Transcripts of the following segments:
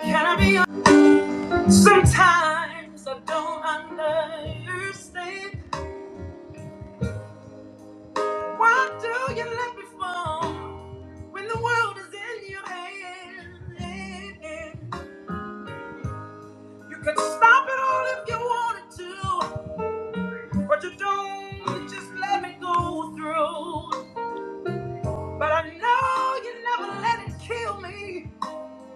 Carry on. Sometimes I don't understand. Why do you let me fall when the world is in your hand? You could stop it all if you wanted to, but you don't. Just let me go through. But I know you never let it kill me,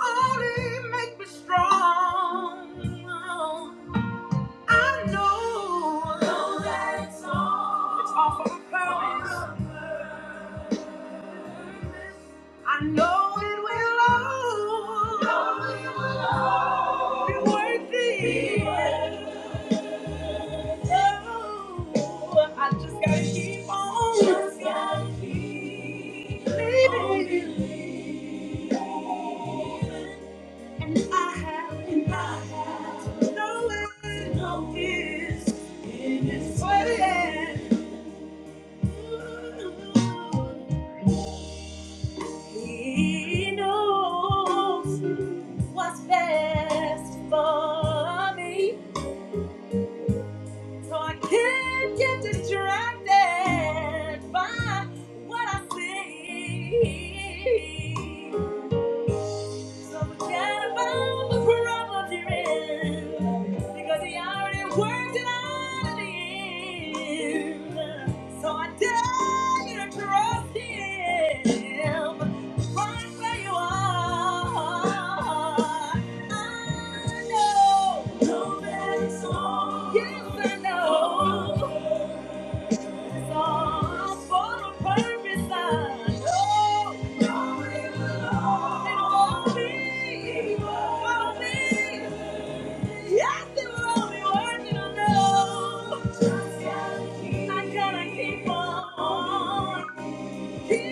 only make me strong. I know, know that it's all, it's all for a purpose. I know it will all, know it will all be worth it. Be worth it. Oh, I just gotta keep on, just gotta keep on believing. And I have, and I have no end, no end in His plan. He knows what's best for me. So I can't get distracted by what I see. So forget about the problems you're in, because he already worked it out in the end. So I dare you to trust him. Right where you are. I know. Nobody's home. Yes, I know. It's all for a purpose. I know. No, will all It will all be. Yes, it will be worth it. I know. Just gotta I gotta keep on. Thank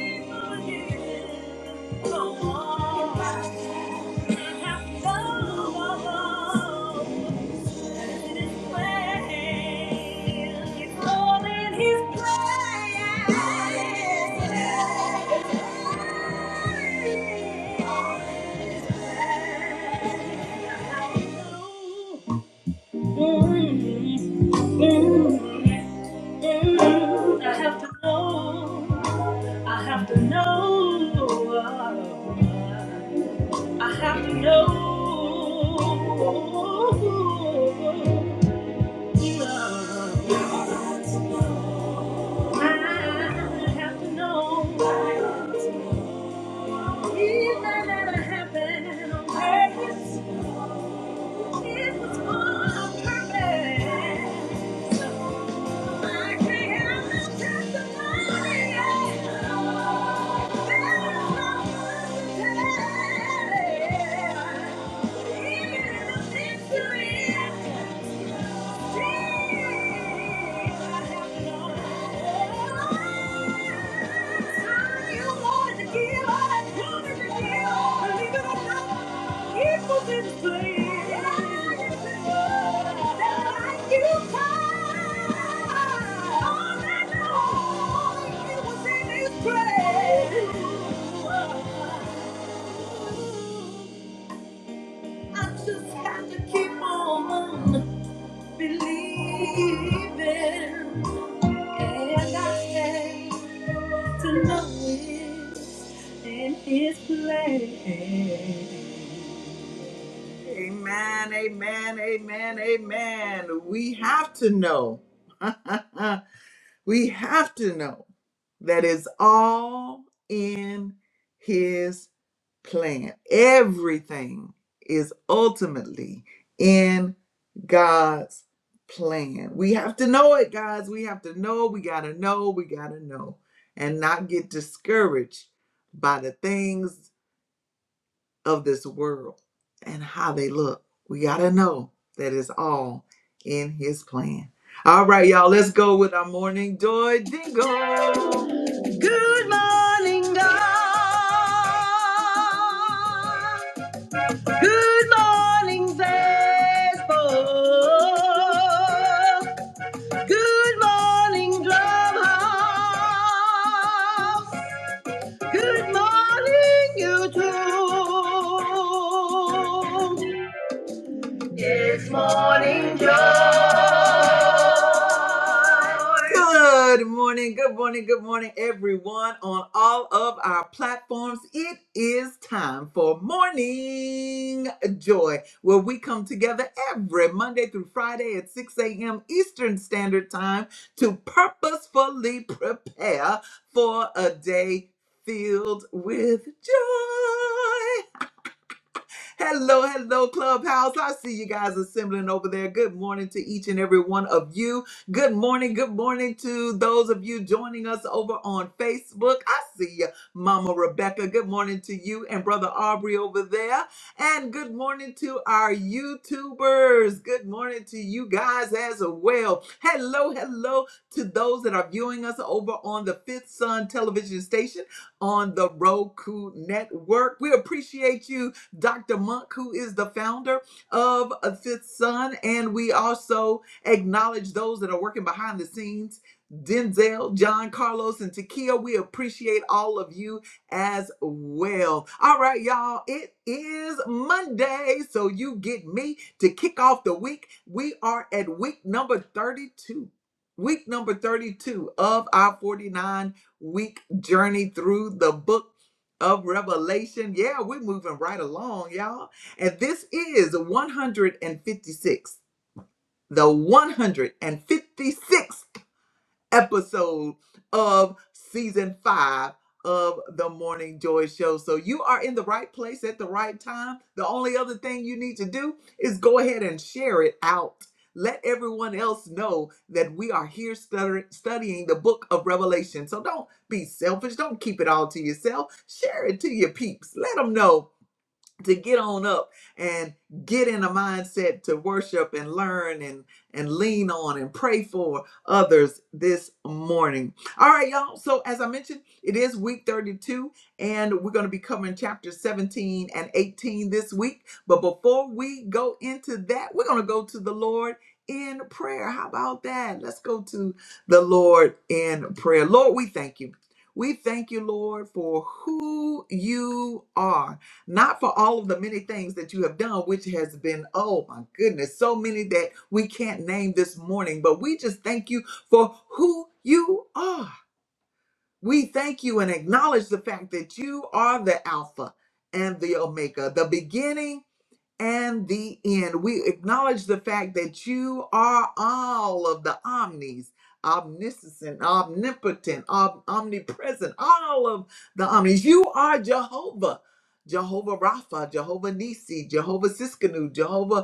you. Mm, I have to know. I have to know. I have to know. You love. I have to know. Even that I have been on purpose. I have Yeah. I just have to keep on moving believe and I came to know it in His plan. Amen, amen, amen, amen. We have to know. we have to know that it's all in His plan. Everything is ultimately in God's plan. We have to know it, guys. We have to know. We got to know. We got to know. And not get discouraged by the things of this world and how they look. We got to know that it's all in His plan. All right, y'all, let's go with our morning joy jingle. Good morning, God. Good morning, Facebook. Good morning, Drumhouse. Good morning, YouTube. It's morning joy. Good morning, good morning, good morning, everyone on all of our platforms. It is time for Morning Joy, where we come together every Monday through Friday at 6 a.m. Eastern Standard Time to purposefully prepare for a day filled with joy. Hello, hello, Clubhouse. I see you guys assembling over there. Good morning to each and every one of you. Good morning, good morning to those of you joining us over on Facebook. I see you, Mama Rebecca. Good morning to you and Brother Aubrey over there. And good morning to our YouTubers. Good morning to you guys as well. Hello, hello to those that are viewing us over on the Fifth Sun television station on the Roku network. We appreciate you Dr. Monk, who is the founder of uh, Fifth Sun. And we also acknowledge those that are working behind the scenes. Denzel, John, Carlos, and Takia, we appreciate all of you as well. All right, y'all, it is Monday, so you get me to kick off the week. We are at week number 32. Week number 32 of our 49 week journey through the book of Revelation. Yeah, we're moving right along, y'all. And this is 156, the 156th episode of season five of the Morning Joy Show. So you are in the right place at the right time. The only other thing you need to do is go ahead and share it out. Let everyone else know that we are here stutter- studying the book of Revelation. So don't be selfish. Don't keep it all to yourself. Share it to your peeps. Let them know to get on up and get in a mindset to worship and learn and and lean on and pray for others this morning. All right, y'all. So as I mentioned, it is week 32 and we're going to be covering chapters 17 and 18 this week. But before we go into that, we're going to go to the Lord in prayer. How about that? Let's go to the Lord in prayer. Lord, we thank you. We thank you, Lord, for who you are not for all of the many things that you have done, which has been, oh my goodness, so many that we can't name this morning, but we just thank you for who you are. We thank you and acknowledge the fact that you are the Alpha and the Omega, the beginning and the end. We acknowledge the fact that you are all of the omnis, omniscient, omnipotent, om- omnipresent, all of the omnis. You are Jehovah. Jehovah Rapha, Jehovah Nisi, Jehovah Siskanu, Jehovah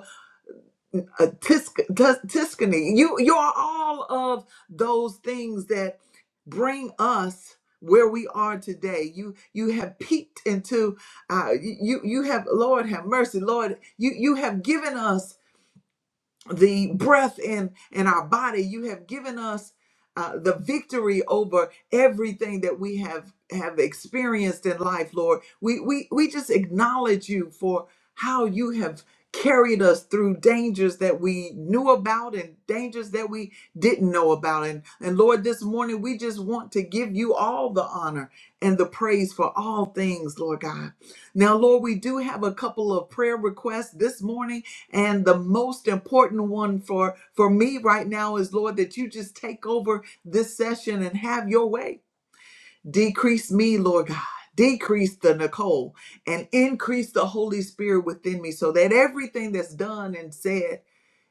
uh, Tisk- Tus- Tuscany. You you are all of those things that bring us where we are today. You you have peeked into uh, you you have Lord have mercy, Lord. You you have given us the breath in in our body you have given us uh, the victory over everything that we have have experienced in life lord we we we just acknowledge you for how you have carried us through dangers that we knew about and dangers that we didn't know about and and lord this morning we just want to give you all the honor and the praise for all things lord god now lord we do have a couple of prayer requests this morning and the most important one for, for me right now is, Lord, that you just take over this session and have your way. Decrease me, Lord God. Decrease the Nicole and increase the Holy Spirit within me so that everything that's done and said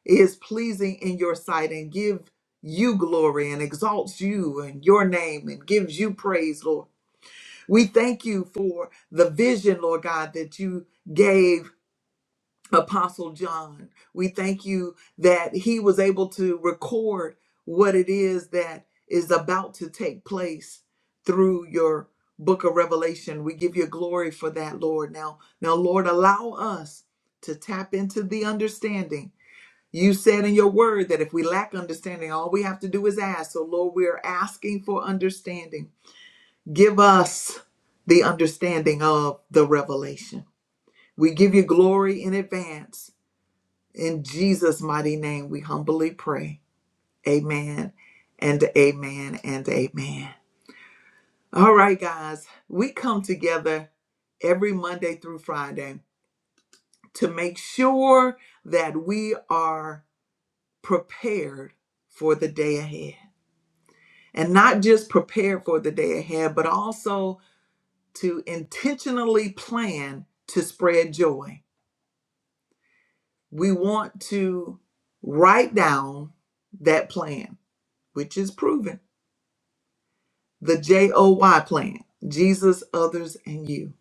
is pleasing in your sight and give you glory and exalts you and your name and gives you praise, Lord. We thank you for the vision, Lord God, that you gave Apostle John. We thank you that he was able to record what it is that is about to take place through your book of Revelation. We give you glory for that, Lord. Now, now Lord, allow us to tap into the understanding. You said in your word that if we lack understanding, all we have to do is ask. So, Lord, we are asking for understanding. Give us the understanding of the revelation. We give you glory in advance in Jesus' mighty name, we humbly pray. Amen and amen and amen. All right, guys, we come together every Monday through Friday to make sure that we are prepared for the day ahead. And not just prepared for the day ahead, but also to intentionally plan to spread joy. We want to write down that plan, which is proven The J O Y plan Jesus, others, and you.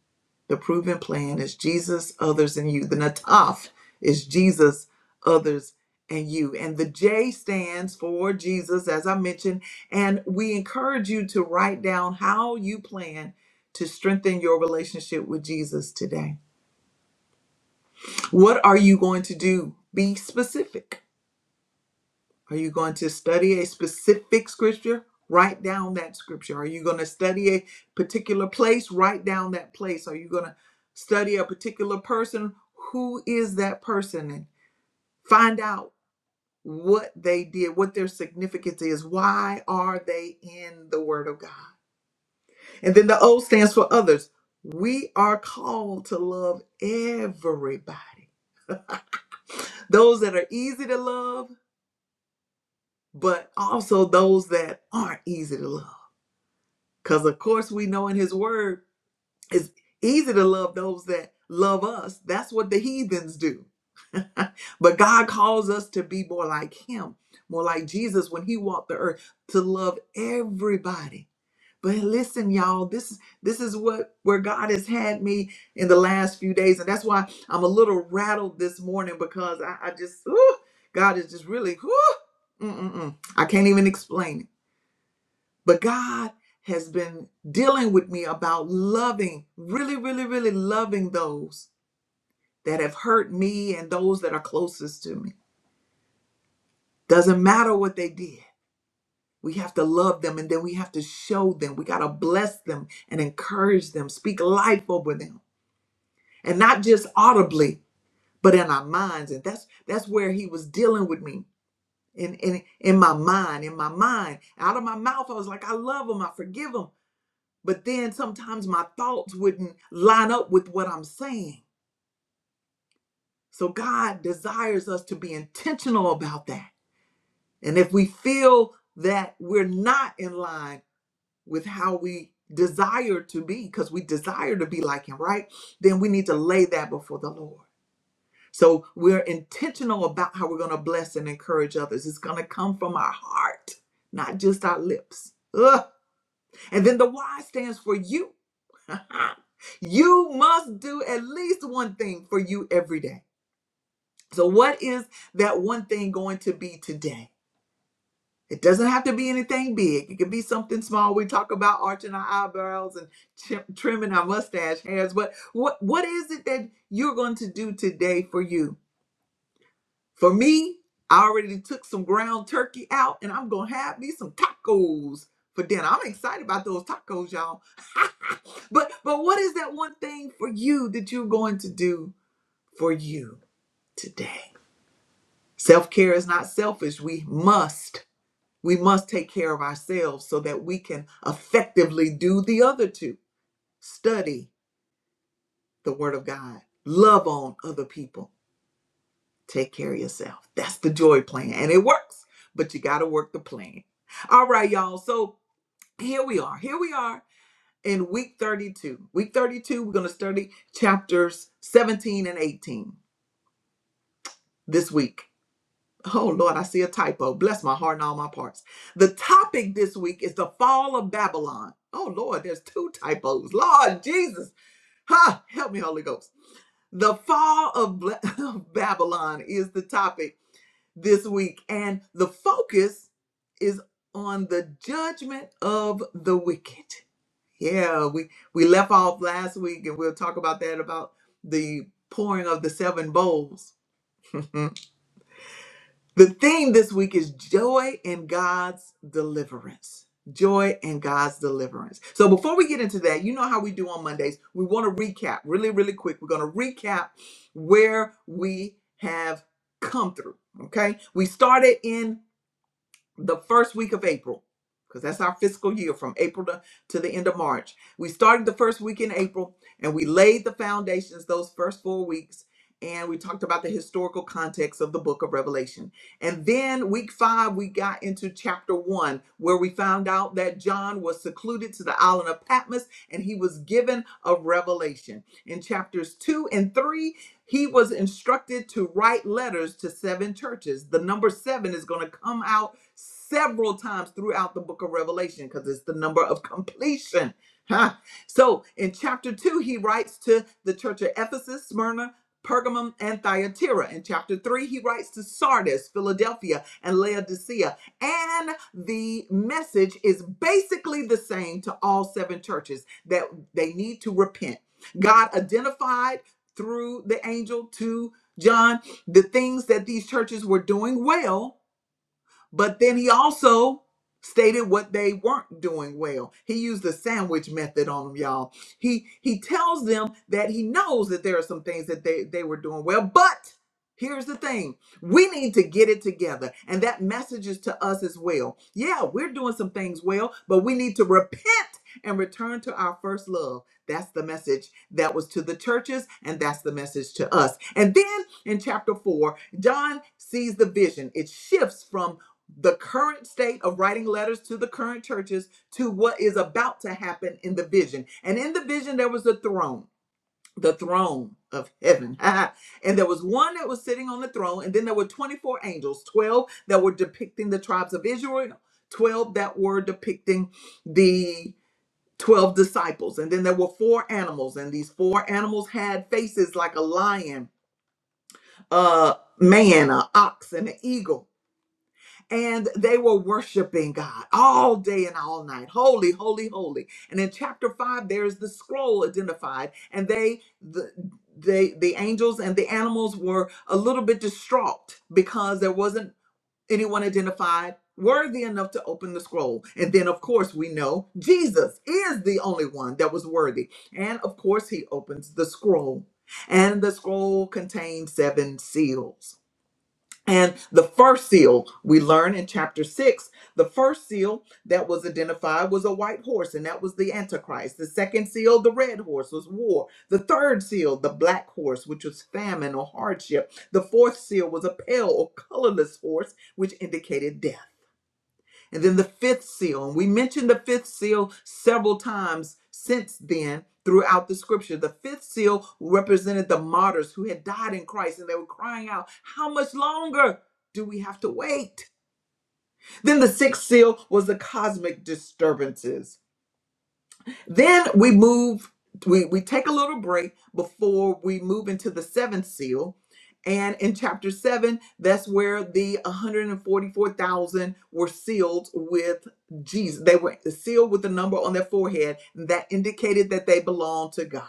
The proven plan is Jesus, others, and you. The Nataf is Jesus, others, and you. And the J stands for Jesus, as I mentioned. And we encourage you to write down how you plan to strengthen your relationship with Jesus today. What are you going to do? Be specific. Are you going to study a specific scripture? Write down that scripture. Are you going to study a particular place? Write down that place. Are you going to study a particular person? Who is that person? And find out what they did, what their significance is. Why are they in the Word of God? And then the O stands for others. We are called to love everybody, those that are easy to love, but also those that aren't easy to love Because, of course, we know in his word it's easy to love those that love us. That's what the heathens do. but God calls us to be more like him, more like Jesus when he walked the earth, to love everybody. But listen, y'all, this this is what where God has had me in the last few days. And that's why I'm a little rattled this morning because I, I just, whew, God is just really, whew, mm-mm-mm. I can't even explain it. But God has been dealing with me about loving, really, really, really loving those that have hurt me and those that are closest to me. Doesn't matter what they did. We have to love them and then we have to show them. We got to bless them and encourage them, speak life over them. And not just audibly, but in our minds. And that's that's where he was dealing with me. In, in in my mind, in my mind, out of my mouth, I was like, I love them, I forgive them. But then sometimes my thoughts wouldn't line up with what I'm saying. So God desires us to be intentional about that. And if we feel that we're not in line with how we desire to be, because we desire to be like Him, right? Then we need to lay that before the Lord. So we're intentional about how we're going to bless and encourage others. It's going to come from our heart, not just our lips. Ugh. And then the Y stands for you. you must do at least one thing for you every day. So, what is that one thing going to be today? It doesn't have to be anything big. It can be something small. We talk about arching our eyebrows and chim- trimming our mustache hairs, but what what is it that you're going to do today for you? For me, I already took some ground turkey out and I'm gonna have me some tacos for dinner. I'm excited about those tacos, y'all. but but what is that one thing for you that you're going to do for you today? Self-care is not selfish. We must, we must take care of ourselves so that we can effectively do the other two. Study the word of God, love on other people Take care of yourself. That's the joy plan. And it works, but you got to work the plan. All right, y'all. So here we are. Here we are in week 32. Week 32, we're going to study chapters 17 and 18 this week. Oh, Lord, I see a typo. Bless my heart and all my parts. The topic this week is the fall of Babylon. Oh, Lord, there's two typos. Lord Jesus. Ha! Help me, Holy Ghost. The fall of Babylon is the topic this week, and the focus is on the judgment of the wicked. Yeah, we we left off last week, and we'll talk about that about the pouring of the seven bowls. Mhm. The theme this week is joy in God's deliverance. Joy in God's deliverance. So before we get into that, you know how we do on Mondays. We want to recap really, really quick. We're going to recap where we have come through. Okay. We started in the first week of April, because that's our fiscal year from April to, to the end of March. We started the first week in April and we laid the foundations those first four weeks. And we talked about the historical context of the book of Revelation. And then week five, we got into chapter one, where we found out that John was secluded to the island of Patmos and he was given a revelation. In chapters two and three, he was instructed to write letters to seven churches. The number seven is going to come out several times throughout the book of Revelation because it's the number of completion. Huh? So in chapter 2, he writes to the church of Ephesus, Smyrna, Pergamum, and Thyatira. In chapter 3, he writes to Sardis, Philadelphia, and Laodicea. And the message is basically the same to all seven churches that they need to repent. God identified through the angel to John the things that these churches were doing well but then he also stated what they weren't doing well. He used the sandwich method on them, y'all. He he tells them that he knows that there are some things that they, they were doing well, but here's the thing. We need to get it together. And that message is to us as well. Yeah, we're doing some things well, but we need to repent and return to our first love. That's the message that was to the churches, and that's the message to us. And then in chapter 4, John sees the vision. It shifts from the current state of writing letters to the current churches to what is about to happen in the vision. And in the vision, there was a throne, the throne of heaven. and there was one that was sitting on the throne, and then there were 24 angels, 12 that were depicting the tribes of Israel, 12 that were depicting the 12 disciples. And then there were four animals, and these four animals had faces like a lion, a man, an ox, and an eagle and they were worshiping God all day and all night. Holy, holy, holy. And in chapter 5 there's the scroll identified and they the they the angels and the animals were a little bit distraught because there wasn't anyone identified worthy enough to open the scroll. And then of course we know Jesus is the only one that was worthy. And of course he opens the scroll. And the scroll contains seven seals. And the first seal we learn in chapter six, the first seal that was identified was a white horse, and that was the Antichrist. The second seal, the red horse, was war. The third seal, the black horse, which was famine or hardship. The fourth seal was a pale or colorless horse, which indicated death. And then the fifth seal, and we mentioned the fifth seal several times since then throughout the scripture. The fifth seal represented the martyrs who had died in Christ and they were crying out, How much longer do we have to wait? Then the sixth seal was the cosmic disturbances. Then we move, we, we take a little break before we move into the seventh seal. And in chapter seven, that's where the 144,000 were sealed with Jesus. They were sealed with the number on their forehead that indicated that they belonged to God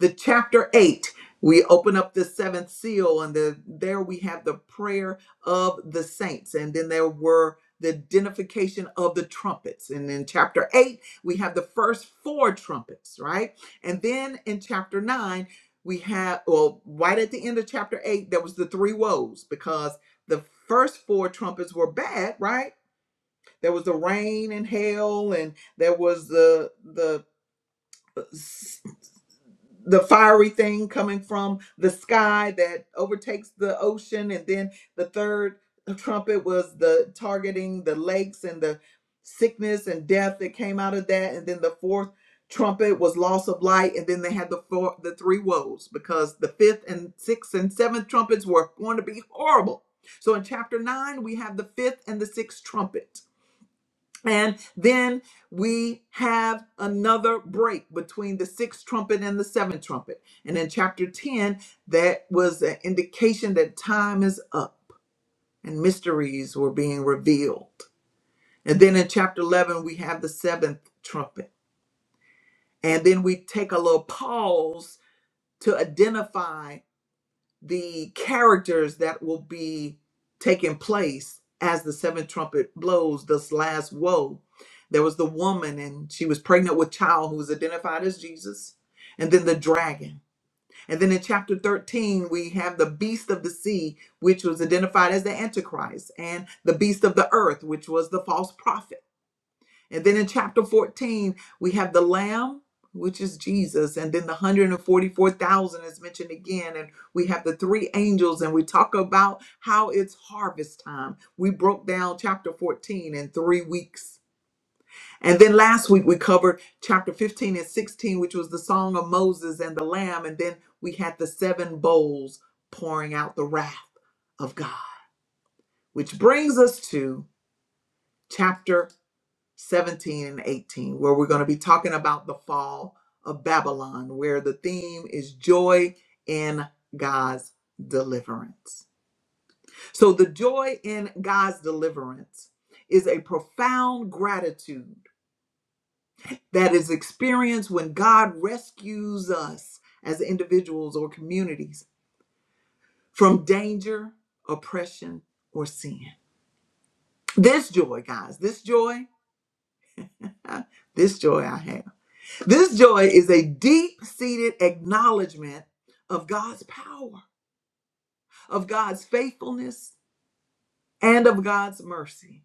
the chapter 8 we open up the seventh seal and the, there we have the prayer of the saints and then there were the identification of the trumpets and in chapter 8 we have the first four trumpets right and then in chapter 9 we have well right at the end of chapter 8 there was the three woes because the first four trumpets were bad right there was the rain and hail and there was the the the fiery thing coming from the sky that overtakes the ocean and then the third trumpet was the targeting the lakes and the sickness and death that came out of that and then the fourth trumpet was loss of light and then they had the four the three woes because the fifth and sixth and seventh trumpets were going to be horrible so in chapter 9 we have the fifth and the sixth trumpet and then we have another break between the sixth trumpet and the seventh trumpet. And in chapter 10, that was an indication that time is up and mysteries were being revealed. And then in chapter 11, we have the seventh trumpet. And then we take a little pause to identify the characters that will be taking place as the seventh trumpet blows this last woe. There was the woman, and she was pregnant with child who was identified as Jesus, and then the dragon. And then in chapter 13, we have the beast of the sea, which was identified as the Antichrist, and the beast of the earth, which was the false prophet. And then in chapter 14, we have the Lamb, which is Jesus, and then the 144,000 is mentioned again. And we have the three angels, and we talk about how it's harvest time. We broke down chapter 14 in three weeks. And then last week we covered chapter 15 and 16, which was the song of Moses and the Lamb. And then we had the seven bowls pouring out the wrath of God, which brings us to chapter 17 and 18, where we're going to be talking about the fall of Babylon, where the theme is joy in God's deliverance. So, the joy in God's deliverance is a profound gratitude that is experienced when God rescues us as individuals or communities from danger, oppression, or sin. This joy, guys, this joy, uh, this joy I have. This joy is a deep seated acknowledgement of God's power, of God's faithfulness, and of God's mercy.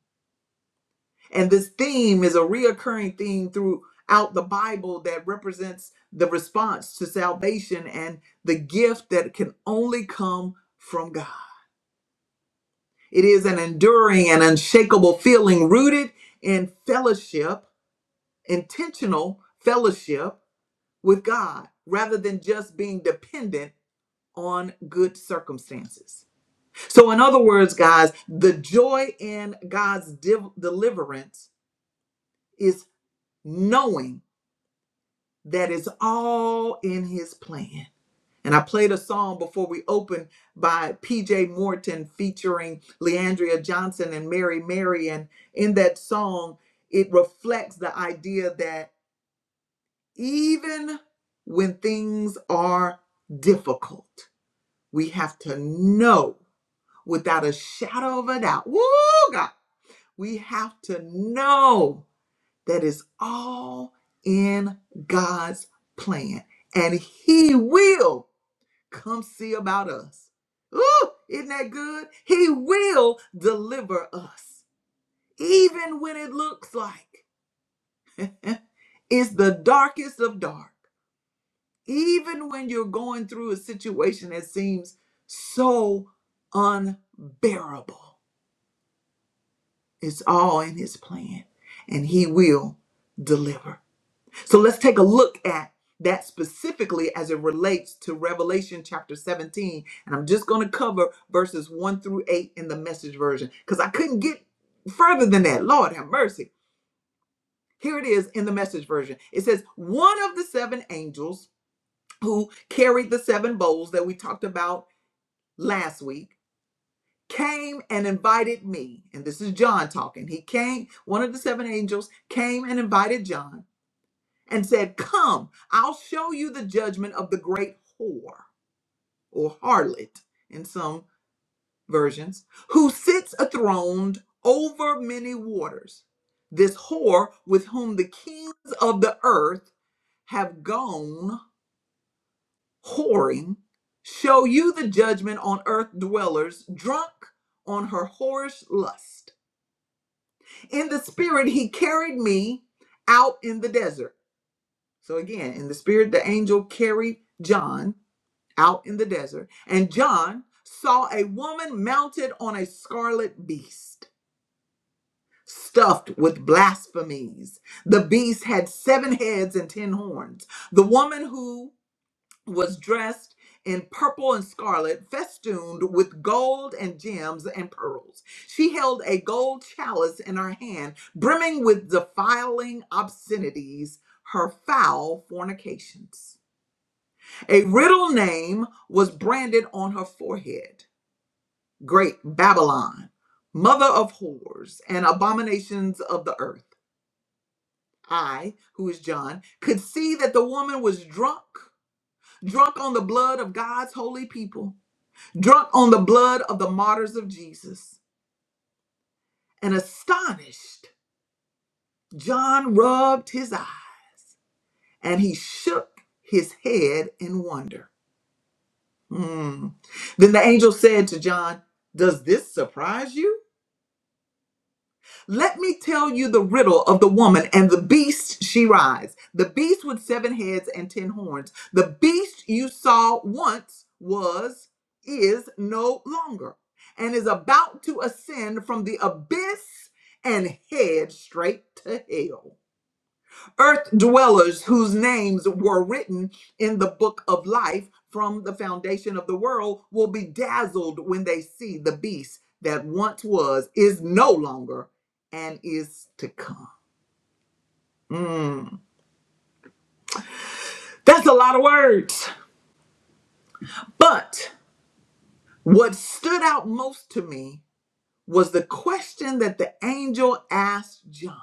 And this theme is a reoccurring theme throughout the Bible that represents the response to salvation and the gift that can only come from God. It is an enduring and unshakable feeling rooted in fellowship, intentional fellowship with God, rather than just being dependent on good circumstances. So, in other words, guys, the joy in God's div- deliverance is knowing that it's all in His plan. And I played a song before we opened by PJ Morton featuring Leandria Johnson and Mary Mary. And in that song, it reflects the idea that even when things are difficult, we have to know without a shadow of a doubt. Woo, God. We have to know that it's all in God's plan and He will come see about us. Ooh, isn't that good? He will deliver us, even when it looks like it's the darkest of dark. Even when you're going through a situation that seems so unbearable. It's all in his plan, and he will deliver. So let's take a look at that specifically as it relates to Revelation chapter 17. And I'm just going to cover verses 1 through 8 in the message version because I couldn't get further than that. Lord have mercy. Here it is in the message version. It says, One of the seven angels who carried the seven bowls that we talked about last week came and invited me. And this is John talking. He came, one of the seven angels came and invited John and said, Come, I'll show you the judgment of the great whore or harlot in some versions, who sits enthroned over many waters. This whore with whom the kings of the earth have gone whoring, show you the judgment on earth dwellers drunk on her whorish lust. In the spirit, he carried me out in the desert. So again, in the spirit, the angel carried John out in the desert, and John saw a woman mounted on a scarlet beast, stuffed with blasphemies. The beast had seven heads and ten horns. The woman who was dressed in purple and scarlet, festooned with gold and gems and pearls. She held a gold chalice in her hand, brimming with defiling obscenities, her foul fornications. A riddle name was branded on her forehead Great Babylon, mother of whores and abominations of the earth. I, who is John, could see that the woman was drunk, drunk on the blood of God's holy people. drunk on the blood of the martyrs of Jesus. And astonished, John rubbed his eye and he shook his head in wonder. Hmm. Then the angel said to John, Does this surprise you? Let me tell you the riddle of the woman and the beast she rides. The beast with seven heads and ten horns. The beast you saw once was, is no longer, and is about to ascend from the abyss and head straight to hell earth dwellers whose names were written in the book of life from the foundation of the world will be dazzled when they see the beast that once was, is no longer, and is to come. That's a lot of words. But what stood out most to me was the question that the angel asked John.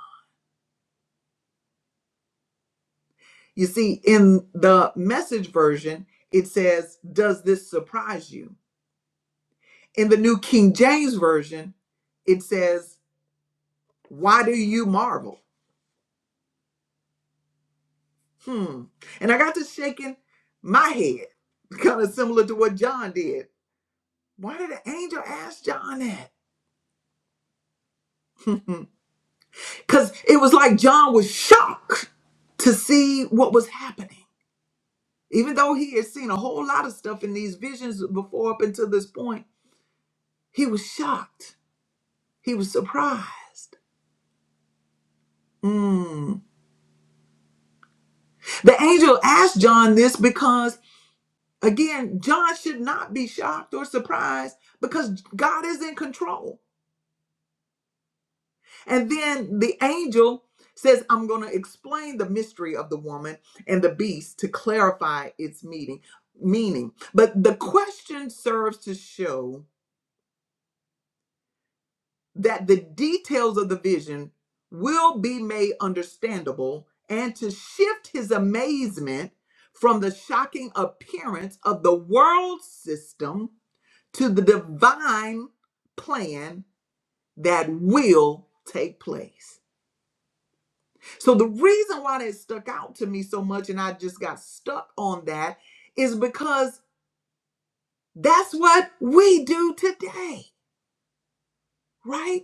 You see, in the message version, it says, Does this surprise you? In the New King James Version, it says, Why do you marvel? Hmm. And I got to shaking my head, kind of similar to what John did. Why did the angel ask John that? Because it was like John was shocked to see what was happening. Even though he had seen a whole lot of stuff in these visions before up until this point, he was shocked. He was surprised. Hmm. The angel asked John this because. Again, John should not be shocked or surprised because God is in control. And then the angel says, I'm going to explain the mystery of the woman and the beast to clarify its meaning. meaning. But the question serves to show that the details of the vision will be made understandable and to shift his amazement from the shocking appearance of the world system to the divine plan that will take place. So the reason why that stuck out to me so much and I just got stuck on that is because that's what we do today, right?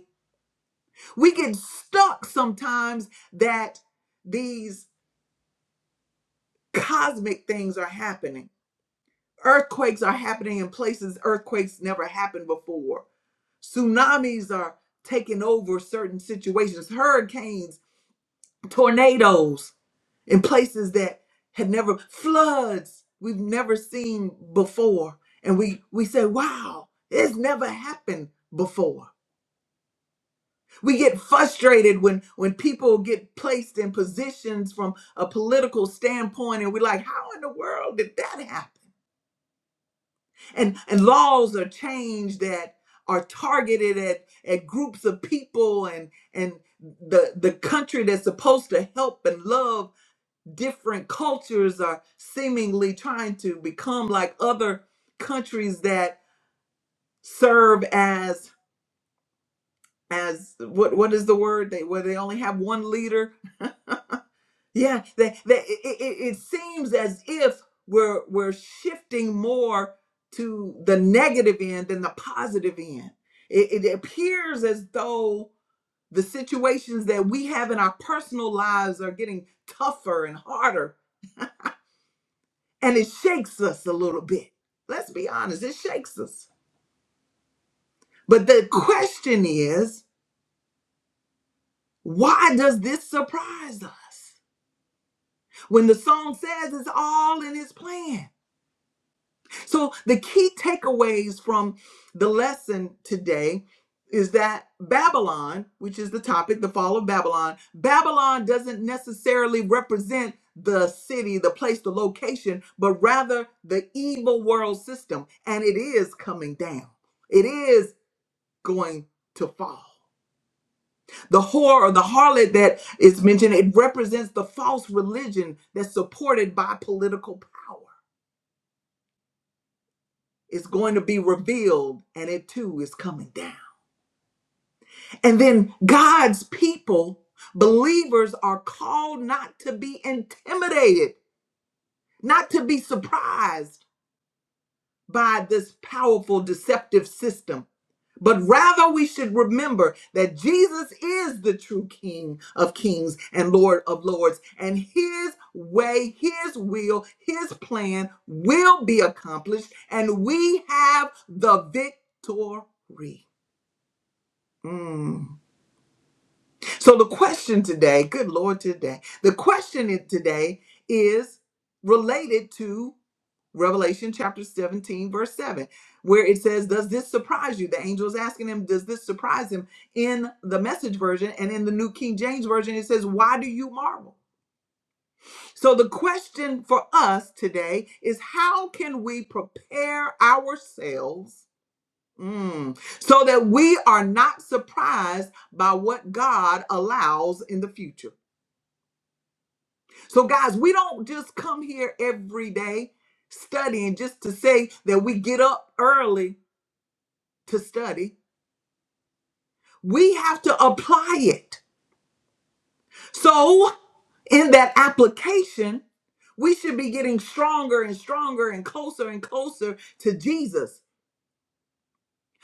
We get stuck sometimes that these cosmic things are happening. Earthquakes are happening in places earthquakes never happened before. Tsunamis are taking over certain situations. Hurricanes tornadoes in places that had never floods we've never seen before and we we say wow it's never happened before we get frustrated when when people get placed in positions from a political standpoint and we're like how in the world did that happen and and laws are changed that are targeted at at groups of people and and the the country that's supposed to help and love different cultures are seemingly trying to become like other countries that serve as as what what is the word they where they only have one leader yeah they, they it, it, it it seems as if we're we're shifting more to the negative end than the positive end it, it appears as though the situations that we have in our personal lives are getting tougher and harder and it shakes us a little bit. Let's be honest, it shakes us. But the question is, why does this surprise us? When the song says it's all in his plan. So, the key takeaways from the lesson today is that Babylon, which is the topic, the fall of Babylon, Babylon doesn't necessarily represent the city, the place, the location, but rather the evil world system. And it is coming down. It is going to fall. The whore or the harlot that is mentioned, it represents the false religion that's supported by political power. It's going to be revealed and it too is coming down. And then God's people, believers, are called not to be intimidated, not to be surprised by this powerful deceptive system. But rather, we should remember that Jesus is the true King of kings and Lord of lords, and his way, his will, his plan will be accomplished, and we have the victory. Mm. So, the question today, good Lord, today, the question today is related to Revelation chapter 17, verse 7, where it says, Does this surprise you? The angel is asking him, Does this surprise him? In the message version and in the New King James Version, it says, Why do you marvel? So the question for us today is how can we prepare ourselves mm, so that we are not surprised by what God allows in the future? So, guys, we don't just come here every day studying just to say that we get up early to study, we have to apply it. So, in that application, we should be getting stronger and stronger and closer and closer to Jesus.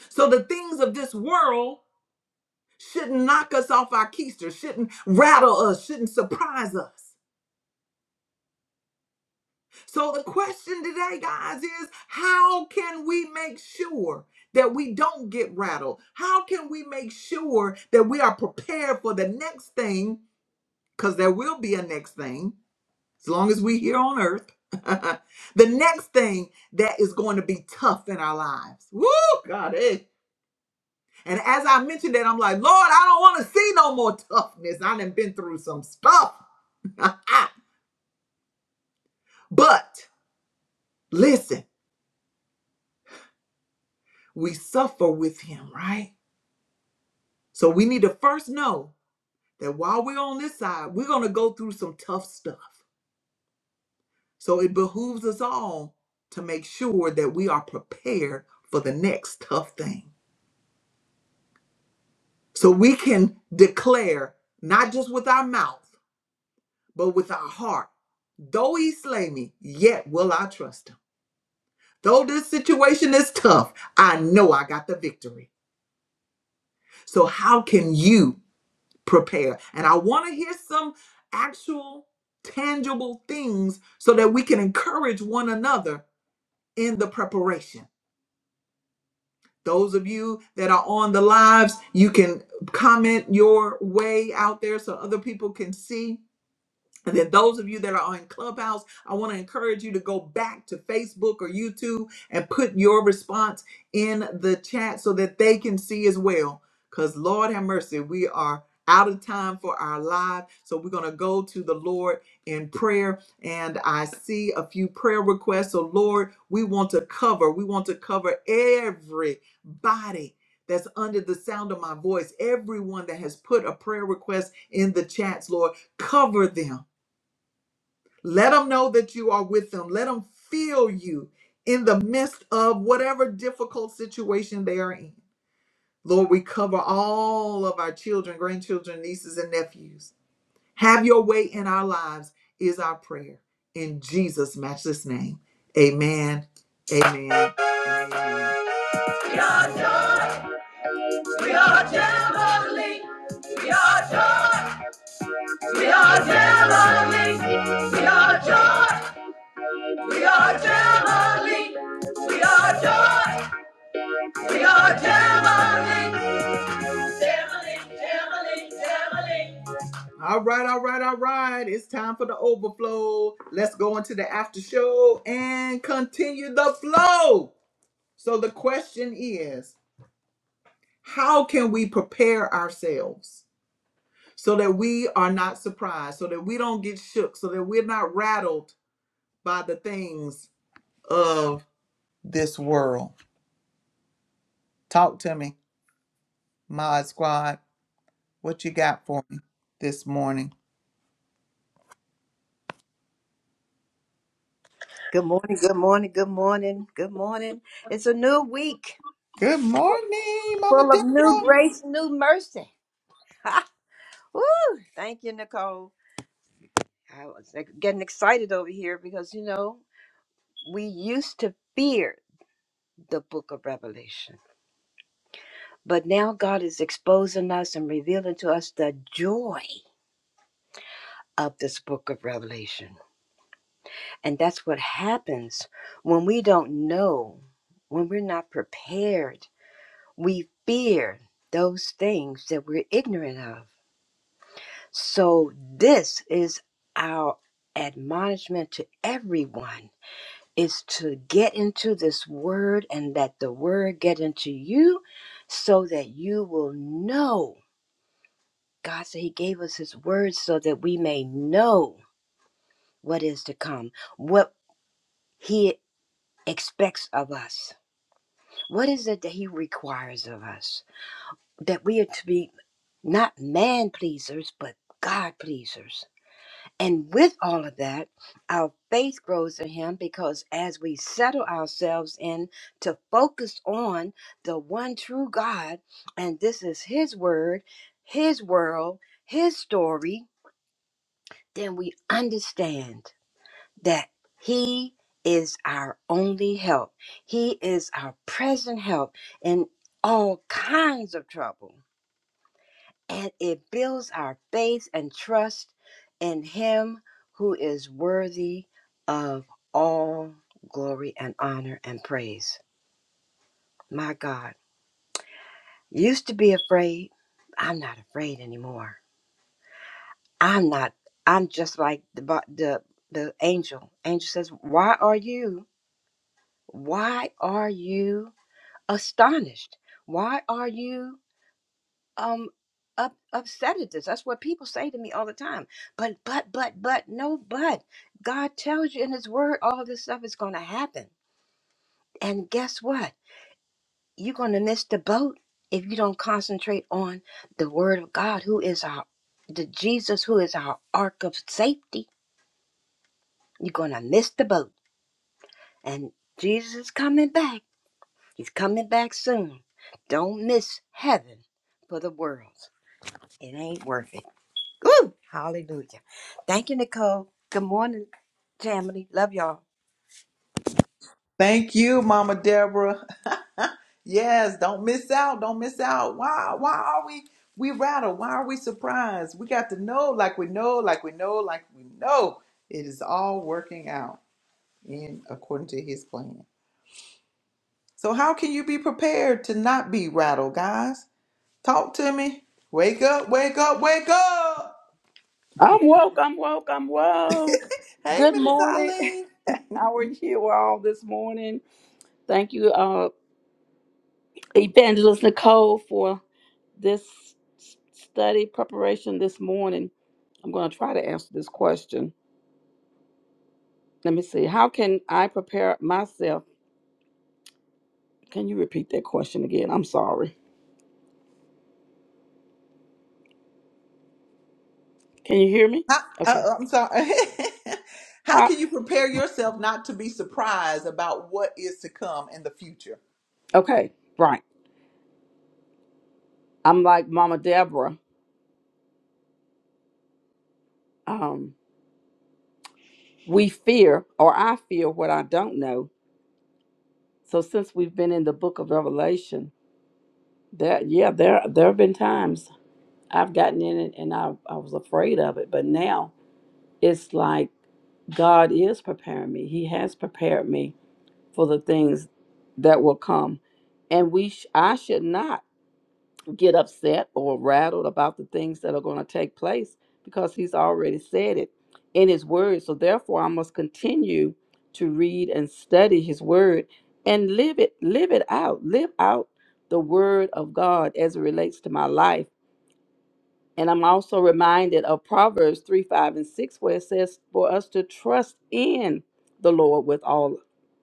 So, the things of this world shouldn't knock us off our keister, shouldn't rattle us, shouldn't surprise us. So, the question today, guys, is how can we make sure? That we don't get rattled? How can we make sure that we are prepared for the next thing? Because there will be a next thing as long as we here on earth. the next thing that is going to be tough in our lives. Woo, God, eh. And as I mentioned that, I'm like, Lord, I don't want to see no more toughness. I done been through some stuff. but listen, we suffer with him, right? So we need to first know that while we're on this side, we're going to go through some tough stuff. So it behooves us all to make sure that we are prepared for the next tough thing. So we can declare, not just with our mouth, but with our heart, though he slay me, yet will I trust him. Though this situation is tough, I know I got the victory. So, how can you prepare? And I want to hear some actual, tangible things so that we can encourage one another in the preparation. Those of you that are on the lives, you can comment your way out there so other people can see And then those of you that are on Clubhouse, I want to encourage you to go back to Facebook or YouTube and put your response in the chat so that they can see as well. Because Lord have mercy, we are out of time for our live. So we're going to go to the Lord in prayer. And I see a few prayer requests. So Lord, we want to cover, we want to cover everybody that's under the sound of my voice, everyone that has put a prayer request in the chats, Lord, cover them let them know that you are with them. Let them feel you in the midst of whatever difficult situation they are in. Lord, we cover all of our children, grandchildren, nieces, and nephews. Have your way in our lives is our prayer. In Jesus' matchless name. Amen. Amen. and amen. We are Jamboree. We are joy. We are Jamboree. We are joy. We are Jamboree. We are joy. We are Jamily, Jamily, Jamily, Jamily. All right, all right, all right. It's time for the overflow. Let's go into the after show and continue the flow. So, the question is how can we prepare ourselves so that we are not surprised, so that we don't get shook, so that we're not rattled by the things of this world? Talk to me, Mod Squad. What you got for me this morning? Good morning, good morning, good morning, good morning. It's a new week Good morning, Mama full of new Deborah. grace, new mercy. Woo! Thank you, Nicole. I was like, getting excited over here because, you know, we used to fear the book of Revelation, but now God is exposing us and revealing to us the joy of this book of Revelation. And that's what happens when we don't know, when we're not prepared we fear those things that we're ignorant of. So this is our admonishment to everyone is to get into this word and let the word get into you so that you will know. God said he gave us his word so that we may know what is to come, what he expects of us. What is it that he requires of us? That we are to be not man pleasers, but God pleasers. And with all of that, our faith grows in Him because as we settle ourselves in to focus on the one true God, and this is His Word, His world, His story, then we understand that He is our only help. He is our present help in all kinds of trouble. and it builds our faith and trust in Him who is worthy of all glory and honor and praise. My God, used to be afraid. I'm not afraid anymore. I'm not. I'm just like the bo- the the angel. Angel says, "Why are you? Why are you astonished? Why are you?" um up, upset at this. That's what people say to me all the time. But but but but no but. God tells you in His Word all of this stuff is going to happen. And guess what? You're going to miss the boat if you don't concentrate on the Word of God, who is our the Jesus, who is our ark of safety. You're going to miss the boat. And Jesus is coming back. He's coming back soon. Don't miss heaven for the world. It ain't worth it. Woo! Hallelujah. Thank you, Nicole. Good morning, family. Love y'all. Thank you, Mama Deborah. yes, don't miss out. Don't miss out. Why? Why are we we rattled? Why are we surprised? We got to know, like we know, like we know, like we know. It is all working out in according to His plan. So how can you be prepared to not be rattled, guys? Talk to me. Wake up! Wake up! Wake up! I'm woke, I'm woke, I'm woke. Hey, Good Minister morning. Eileen. How are you all this morning? Thank you, uh, Evangelist Nicole, for this s- study preparation this morning. I'm going to try to answer this question. Let me see. How can I prepare myself? Can you repeat that question again? I'm sorry. Can you hear me? How, Okay. uh, I'm sorry. How How, can you prepare yourself not to be surprised about what is to come in the future? okay, right. I'm like Mama Deborah. Um, we fear, or I fear what I don't know So since we've been in the book of Revelation, that yeah, there there have been times I've gotten in it and I, I was afraid of it, but now it's like God is preparing me. He has prepared me for the things that will come. And we sh- I should not get upset or rattled about the things that are going to take place because he's already said it in his word. So therefore I must continue to read and study his word and live it live it out. Live out the word of God as it relates to my life. And I'm also reminded of Proverbs 3, 5, and 6, where it says for us to trust in the Lord with all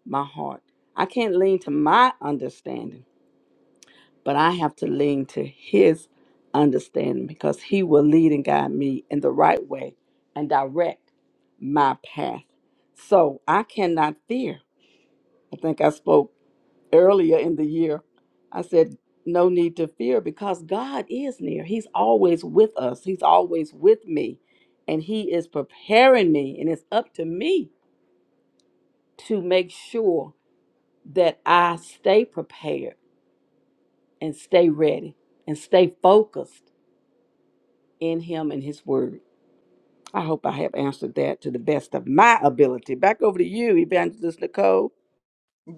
my heart. I can't lean to my understanding but I have to lean to His understanding because He will lead and guide me in the right way and direct my path. So I cannot fear. I think I spoke earlier in the year. I said, no need to fear because God is near. He's always with us, He's always with me, and He is preparing me. And it's up to me to make sure that I stay prepared and stay ready and stay focused in him and his word. I hope I have answered that to the best of my ability. Back over to you, Evangelist Nicole.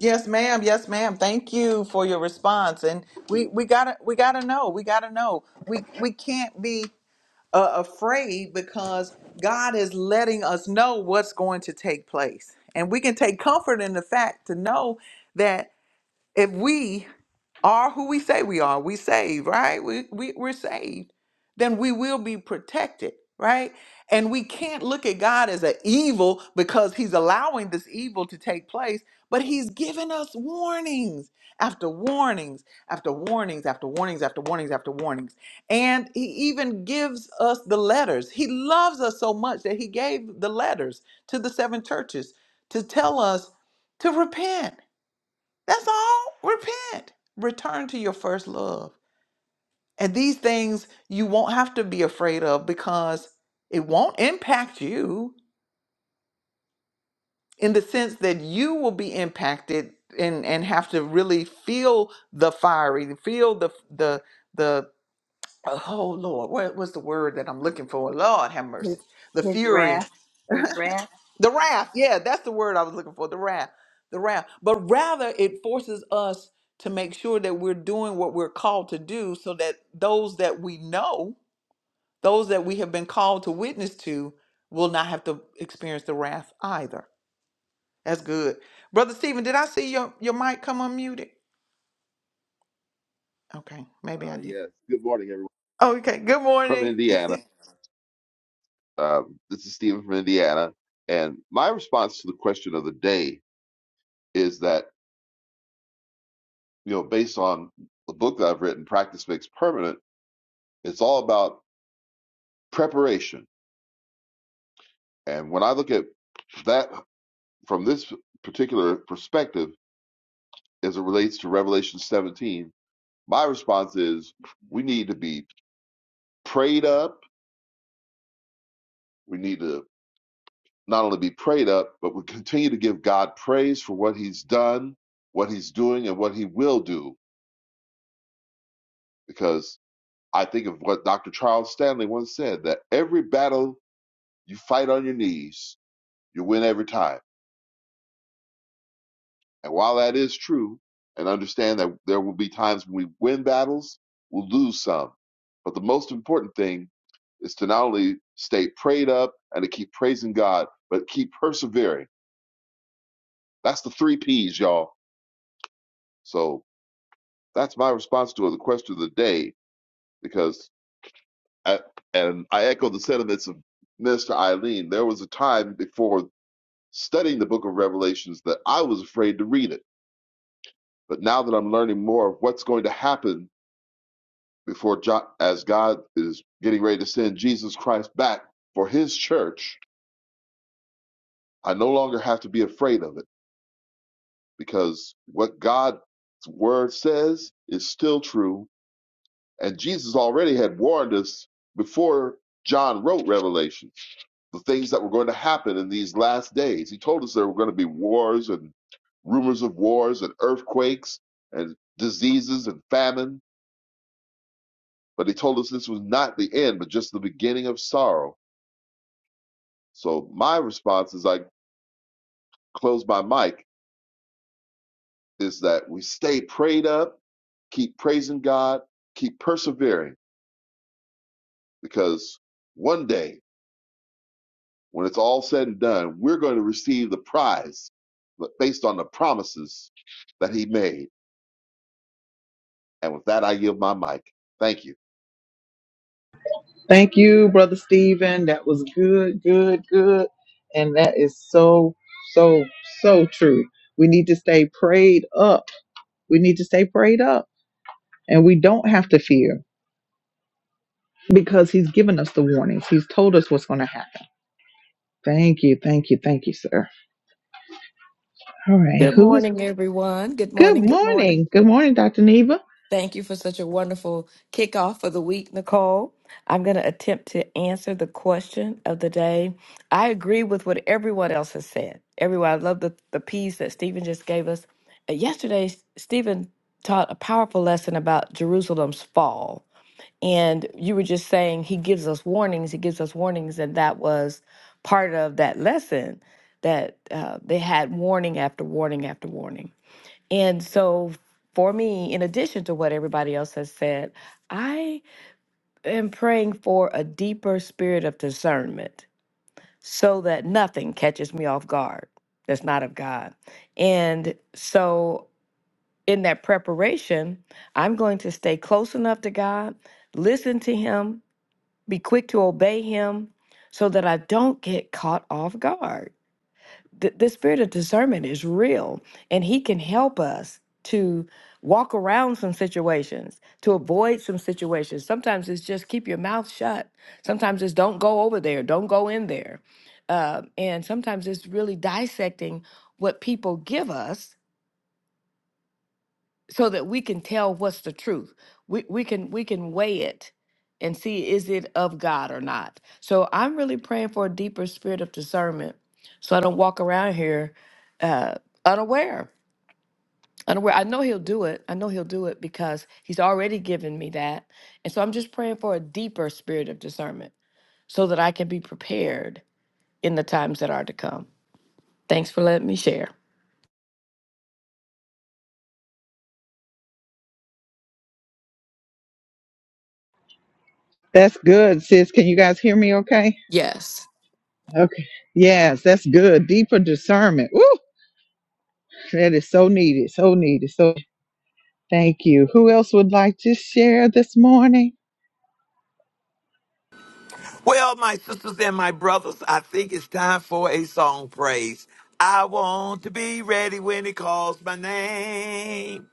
Yes, ma'am. Yes, ma'am. Thank you for your response. And we we gotta we gotta know. We gotta know. We we can't be uh, afraid because God is letting us know what's going to take place, and we can take comfort in the fact to know that if we are who we say we are. We saved, right? We, we we're saved. Then we will be protected, right? And we can't look at God as an evil because He's allowing this evil to take place, but He's given us warnings after warnings after warnings after warnings after warnings after warnings. And He even gives us the letters. He loves us so much that He gave the letters to the seven churches to tell us to repent that's all. Repent. Return to your first love. And these things you won't have to be afraid of because it won't impact you in the sense that you will be impacted and, and have to really feel the fiery, feel the the the oh Lord, what was the word that I'm looking for? Lord have His, mercy. The his fury wrath, his wrath. The wrath, yeah, that's the word I was looking for. The wrath, the wrath. But rather, it forces us to make sure that we're doing what we're called to do so that those that we know, those that we have been called to witness to, will not have to experience the wrath either. That's good. Brother Stephen, did I see your, your mic come unmuted? Okay, maybe Uh, I did. yes. Good morning, everyone Okay, good from morning. Indiana. Um, this is Stephen from Indiana, and my response to the question of the day is that you know, based on the book that I've written, "Practice Makes Permanent," it's all about preparation. And when I look at that from this particular perspective, as it relates to Revelation 17, my response is we need to be prayed up. We need to not only be prayed up, but we continue to give God praise for what He's done, what He's doing, and what He will do. Because I think of what Dr. Charles Stanley once said that every battle you fight on your knees, you win every time. And while that is true, and understand that there will be times when we win battles, we'll lose some. But the most important thing is to not only stay prayed up and to keep praising God, but keep persevering. That's the three P's, y'all. So That's my response to the question of the day because, I, and I echo the sentiments of Mr. Eileen. There was a time before studying the book of Revelations that I was afraid to read it. But now that I'm learning more of what's going to happen before jo- as God is getting ready to send Jesus Christ back for his church, I no longer have to be afraid of it because what God's word says is still true. And Jesus already had warned us before John wrote Revelation. the things that were going to happen in these last days. He told us there were going to be wars and rumors of wars and earthquakes and diseases and famine, but he told us this was not the end, but just the beginning of sorrow. So my response as I close my mic is that we stay prayed up, keep praising God, keep persevering, because one day when it's all said and done, we're going to receive the prize based on the promises that he made. And with that, I yield my mic. Thank you. Thank you, Brother Stephen. That was good, good, good. And that is so, so, so true. We need to stay prayed up. We need to stay prayed up. And we don't have to fear because he's given us the warnings. He's told us what's going to happen. Thank you, thank you, thank you, sir. All right. Good Who is? morning, everyone. Good Good morning. Good morning. morning. Good morning, Dr. Neva. Thank you for such a wonderful kickoff for the week, Nicole. I'm going to attempt to answer the question of the day. I agree with what everyone else has said. Everyone, I love the, the piece that Stephen just gave us. Uh, Yesterday, S- Stephen taught a powerful lesson about Jerusalem's fall. And you were just saying he gives us warnings, he gives us warnings, and that was part of that lesson that uh, they had warning after warning after warning and so, for me, in addition to what everybody else has said, I am praying for a deeper spirit of discernment so that nothing catches me off guard that's not of God. And so, in that preparation, I'm going to stay close enough to God, listen to Him, be quick to obey Him so that I don't get caught off guard the, the spirit of discernment is real and he can help us to walk around some situations to avoid some situations sometimes it's just keep your mouth shut sometimes it's don't go over there don't go in there uh, and sometimes it's really dissecting what people give us so that we can tell what's the truth. We we can we can weigh it and see is it of God or not. So I'm really praying for a deeper spirit of discernment, so I don't walk around here uh, unaware. Unaware. I know He'll do it. I know He'll do it because He's already given me that, and so I'm just praying for a deeper spirit of discernment, so that I can be prepared in the times that are to come. Thanks for letting me share. That's good, sis. Can you guys hear me okay? Yes. Okay. Yes, that's good. Deeper discernment. Woo! That is so needed, so needed. So thank you. Who else would like to share this morning? Well, my sisters and my brothers, I think it's time for a song praise. I want to be ready when it calls my name.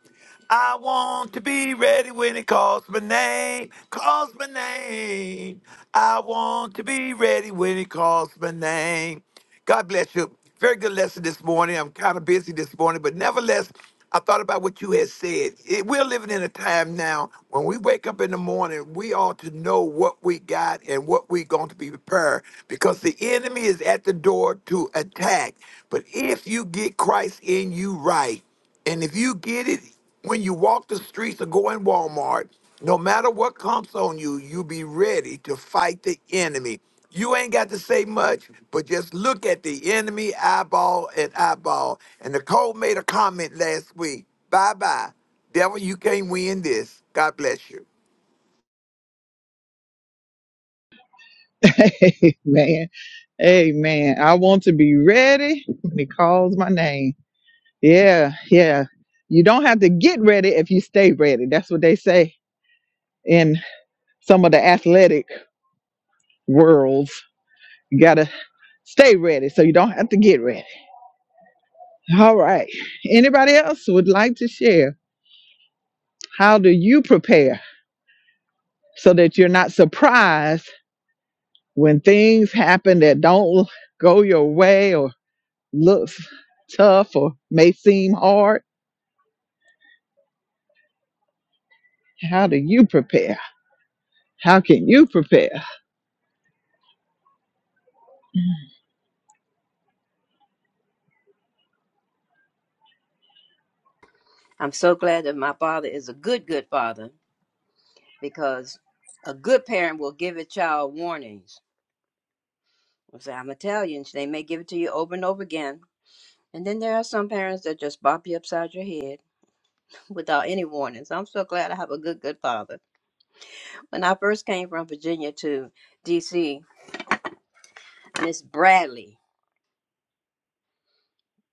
I want to be ready when it calls my name, calls my name. I want to be ready when it calls my name. God bless you. Very good lesson this morning. I'm kind of busy this morning, but nevertheless, I thought about what you had said. It, we're living in a time now when we wake up in the morning, we ought to know what we got and what we're going to be prepared because the enemy is at the door to attack. But if you get Christ in you right, and if you get it when you walk the streets or go in Walmart, no matter what comes on you, you be ready to fight the enemy. You ain't got to say much, but just look at the enemy eyeball and eyeball. And Nicole made a comment last week. Bye bye. Devil, you can't win this. God bless you. Amen. Amen. I want to be ready when he calls my name. Yeah, yeah. You don't have to get ready if you stay ready. That's what they say in some of the athletic worlds. You gotta stay ready so you don't have to get ready. All right. Anybody else would like to share? How do you prepare so that you're not surprised? when things happen that don't go your way or looks tough or may seem hard, how do you prepare? How can you prepare? I'm so glad that my father is a good, good father because a good parent will give a child warnings. i say, I'm Italian. so They may give it to you over and over again. And then there are some parents that just bop you upside your head without any warnings. I'm so glad I have a good, good father. When I first came from Virginia to D.C., Miss Bradley,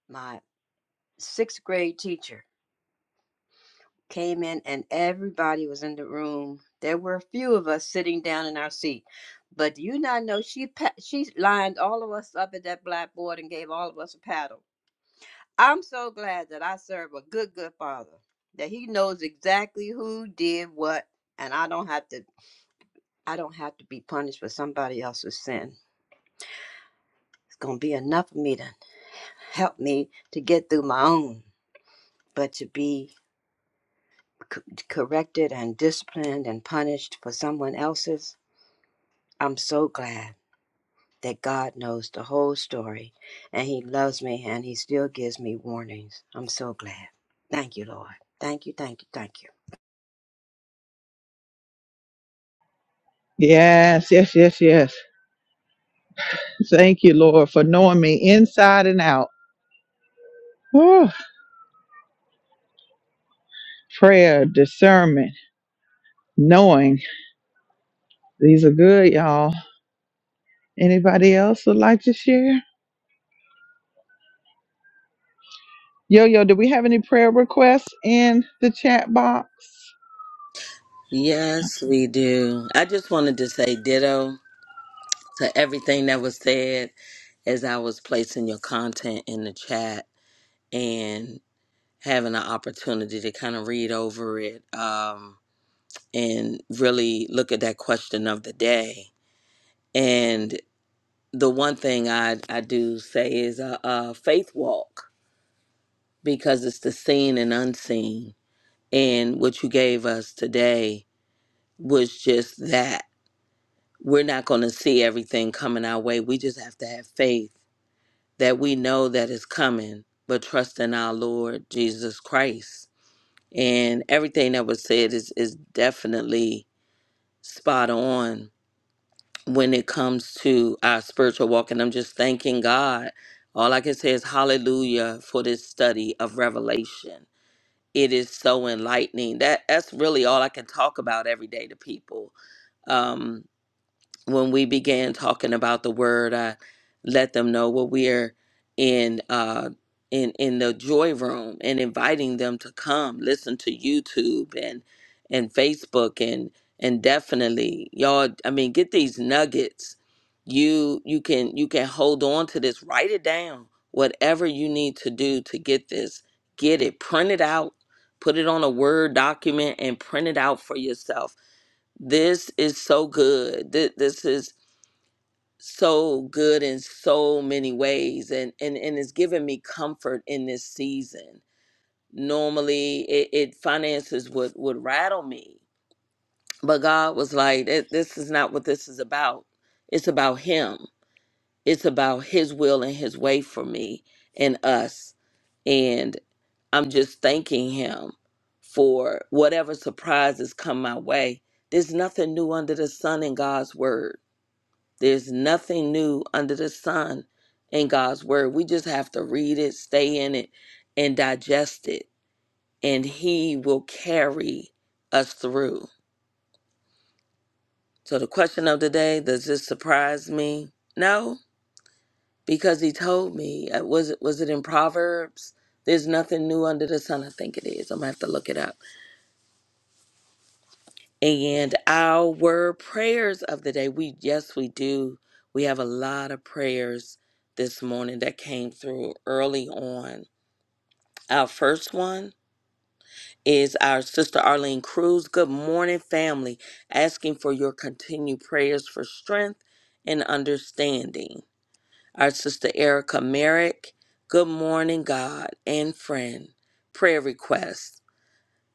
my sixth grade teacher, came in and everybody was in the room. There were a few of us sitting down in our seat. But do you not know she pa- she lined all of us up at that blackboard and gave all of us a paddle. I'm so glad that I serve a good good father that he knows exactly who did what and I don't have to I don't have to be punished for somebody else's sin. It's going to be enough of me to help me to get through my own, but to be c- corrected and disciplined and punished for someone else's I'm so glad that God knows the whole story and He loves me and He still gives me warnings. I'm so glad. Thank you, Lord. Thank you, thank you, thank you. Yes, yes, yes, yes. Thank you, Lord, for knowing me inside and out. Whew. Prayer, discernment, knowing. These are good, y'all. Anybody else would like to share? Yo, yo, do we have any prayer requests in the chat box? Yes, we do. I just wanted to say ditto to everything that was said as I was placing your content in the chat and having an opportunity to kind of read over it um, and really look at that question of the day. And the one thing I, I do say is a, a faith walk because it's the seen and unseen. And what you gave us today was just that we're not going to see everything coming our way. We just have to have faith that we know that it's coming, but trust in our Lord Jesus Christ. And everything that was said is, is definitely spot on when it comes to our spiritual walk. And I'm just thanking God. All I can say is hallelujah for this study of Revelation. It is so enlightening. That that's really all I can talk about every day to people. Um. when we began talking about the word, I let them know what we're in uh in in the joy room and inviting them to come listen to YouTube and and Facebook and and definitely y'all I mean get these nuggets. You you can you can hold on to this, write it down. Whatever you need to do to get this, get it, print it out, put it on a Word document and print it out for yourself this is so good. Th- This, is so good in so many ways and and and it's given me comfort in this season normally it, it finances would would rattle me but god was like "Eh, this is not what this is about it's about him it's about his will and his way for me and us and i'm just thanking him for whatever surprises come my way there's nothing new under the sun in god's word there's nothing new under the sun in God's word. We just have to read it, stay in it, and digest it, and He will carry us through. So, the question of the day does this surprise me? No, because He told me. Uh, Was it, was it in Proverbs? There's nothing new under the sun. I think it is. I'm going to have to look it up. And our prayers of the day, we yes, we do. We have a lot of prayers this morning that came through early on. Our first one is our sister Arlene Cruz. Good morning, family. Asking for your continued prayers for strength and understanding. Our sister Erica Merrick. Good morning, God and friend. Prayer request.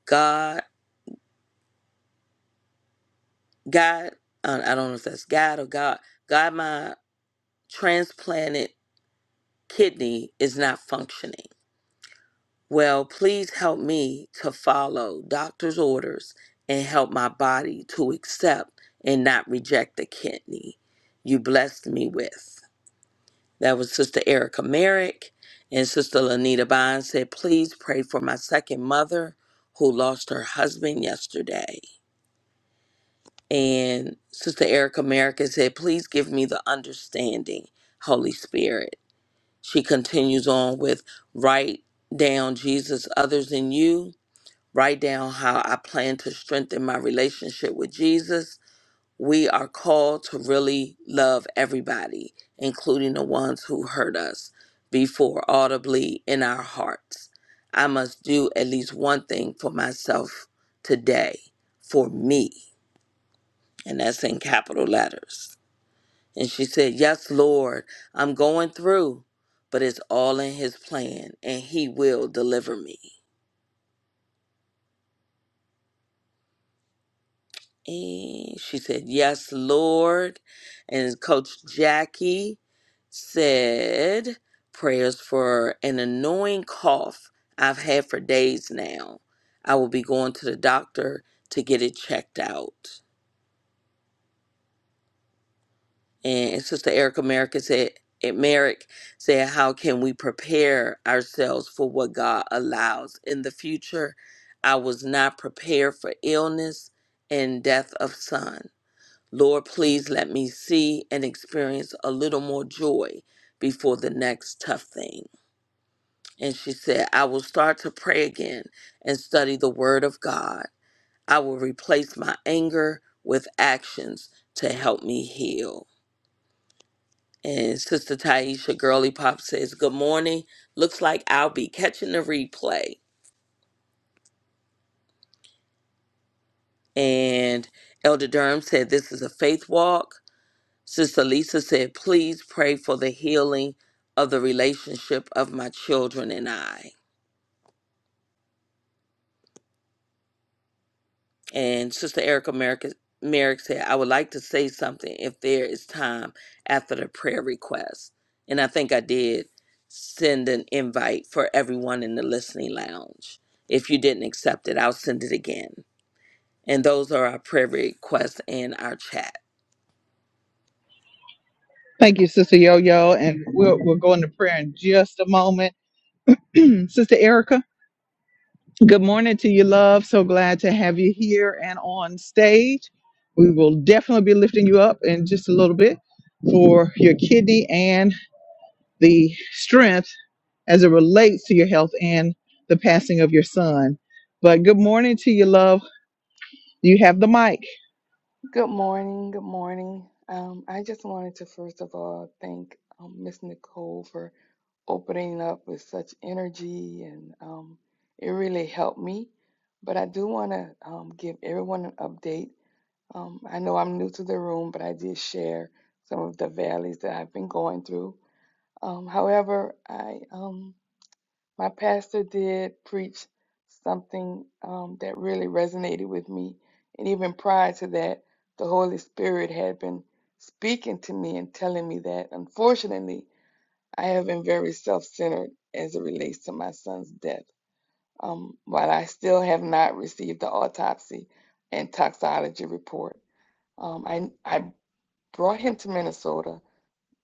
God, God, I I don't know if that's God or God. God, my transplanted kidney is not functioning. Well, please help me to follow doctor's orders and help my body to accept and not reject the kidney you blessed me with. That was Sister Erica Merrick. And Sister Lanita Bond said, please pray for my second mother who lost her husband yesterday. And Sister Erica Merrick said, please give me the understanding, Holy Spirit. She continues on with write down Jesus others than you, write down how I plan to strengthen my relationship with Jesus. We are called to really love everybody, including the ones who hurt us, before audibly in our hearts. I must do at least one thing for myself today, for me, and that's in capital letters. And she said, Yes, Lord, I'm going through, but it's all in His plan and He will deliver me. And she said, Yes, Lord. And Coach Jackie said, Prayers for an annoying cough I've had for days now. I will be going to the doctor to get it checked out. And Sister Erica Merrick said, and Merrick said, How can we prepare ourselves for what God allows in the future? I was not prepared for illness and death of son. Lord, please let me see and experience a little more joy before the next tough thing. And she said, I will start to pray again and study the word of God. I will replace my anger with actions to help me heal. And Sister Taisha Girly Pop says, Good morning. Looks like I'll be catching the replay. And Elder Durham said, This is a faith walk. Sister Lisa said, Please pray for the healing of the relationship of my children and I. And Sister Erica Merrick, Merrick said, I would like to say something if there is time after the prayer request. And I think I did send an invite for everyone in the listening lounge. If you didn't accept it, I'll send it again. And those are our prayer requests in our chat. Thank you, Sister Yo Yo, and we'll, we'll go into prayer in just a moment. Sister Erica, good morning to you, love. So glad to have you here and on stage. We will definitely be lifting you up in just a little bit for your kidney and the strength as it relates to your health and the passing of your son. But good morning to you, love. You have the mic. Good morning. Good morning. Um, I just wanted to first of all thank um, Miss Nicole for opening up with such energy, and um, it really helped me. But I do want to um, give everyone an update. Um, I know I'm new to the room, but I did share some of the valleys that I've been going through. Um, however, I um, my pastor did preach something um, that really resonated with me. And even prior to that, the Holy Spirit had been speaking to me and telling me that, unfortunately, I have been very self centered as it relates to my son's death. Um, while I still have not received the autopsy and toxicology report, um, I, I brought him to Minnesota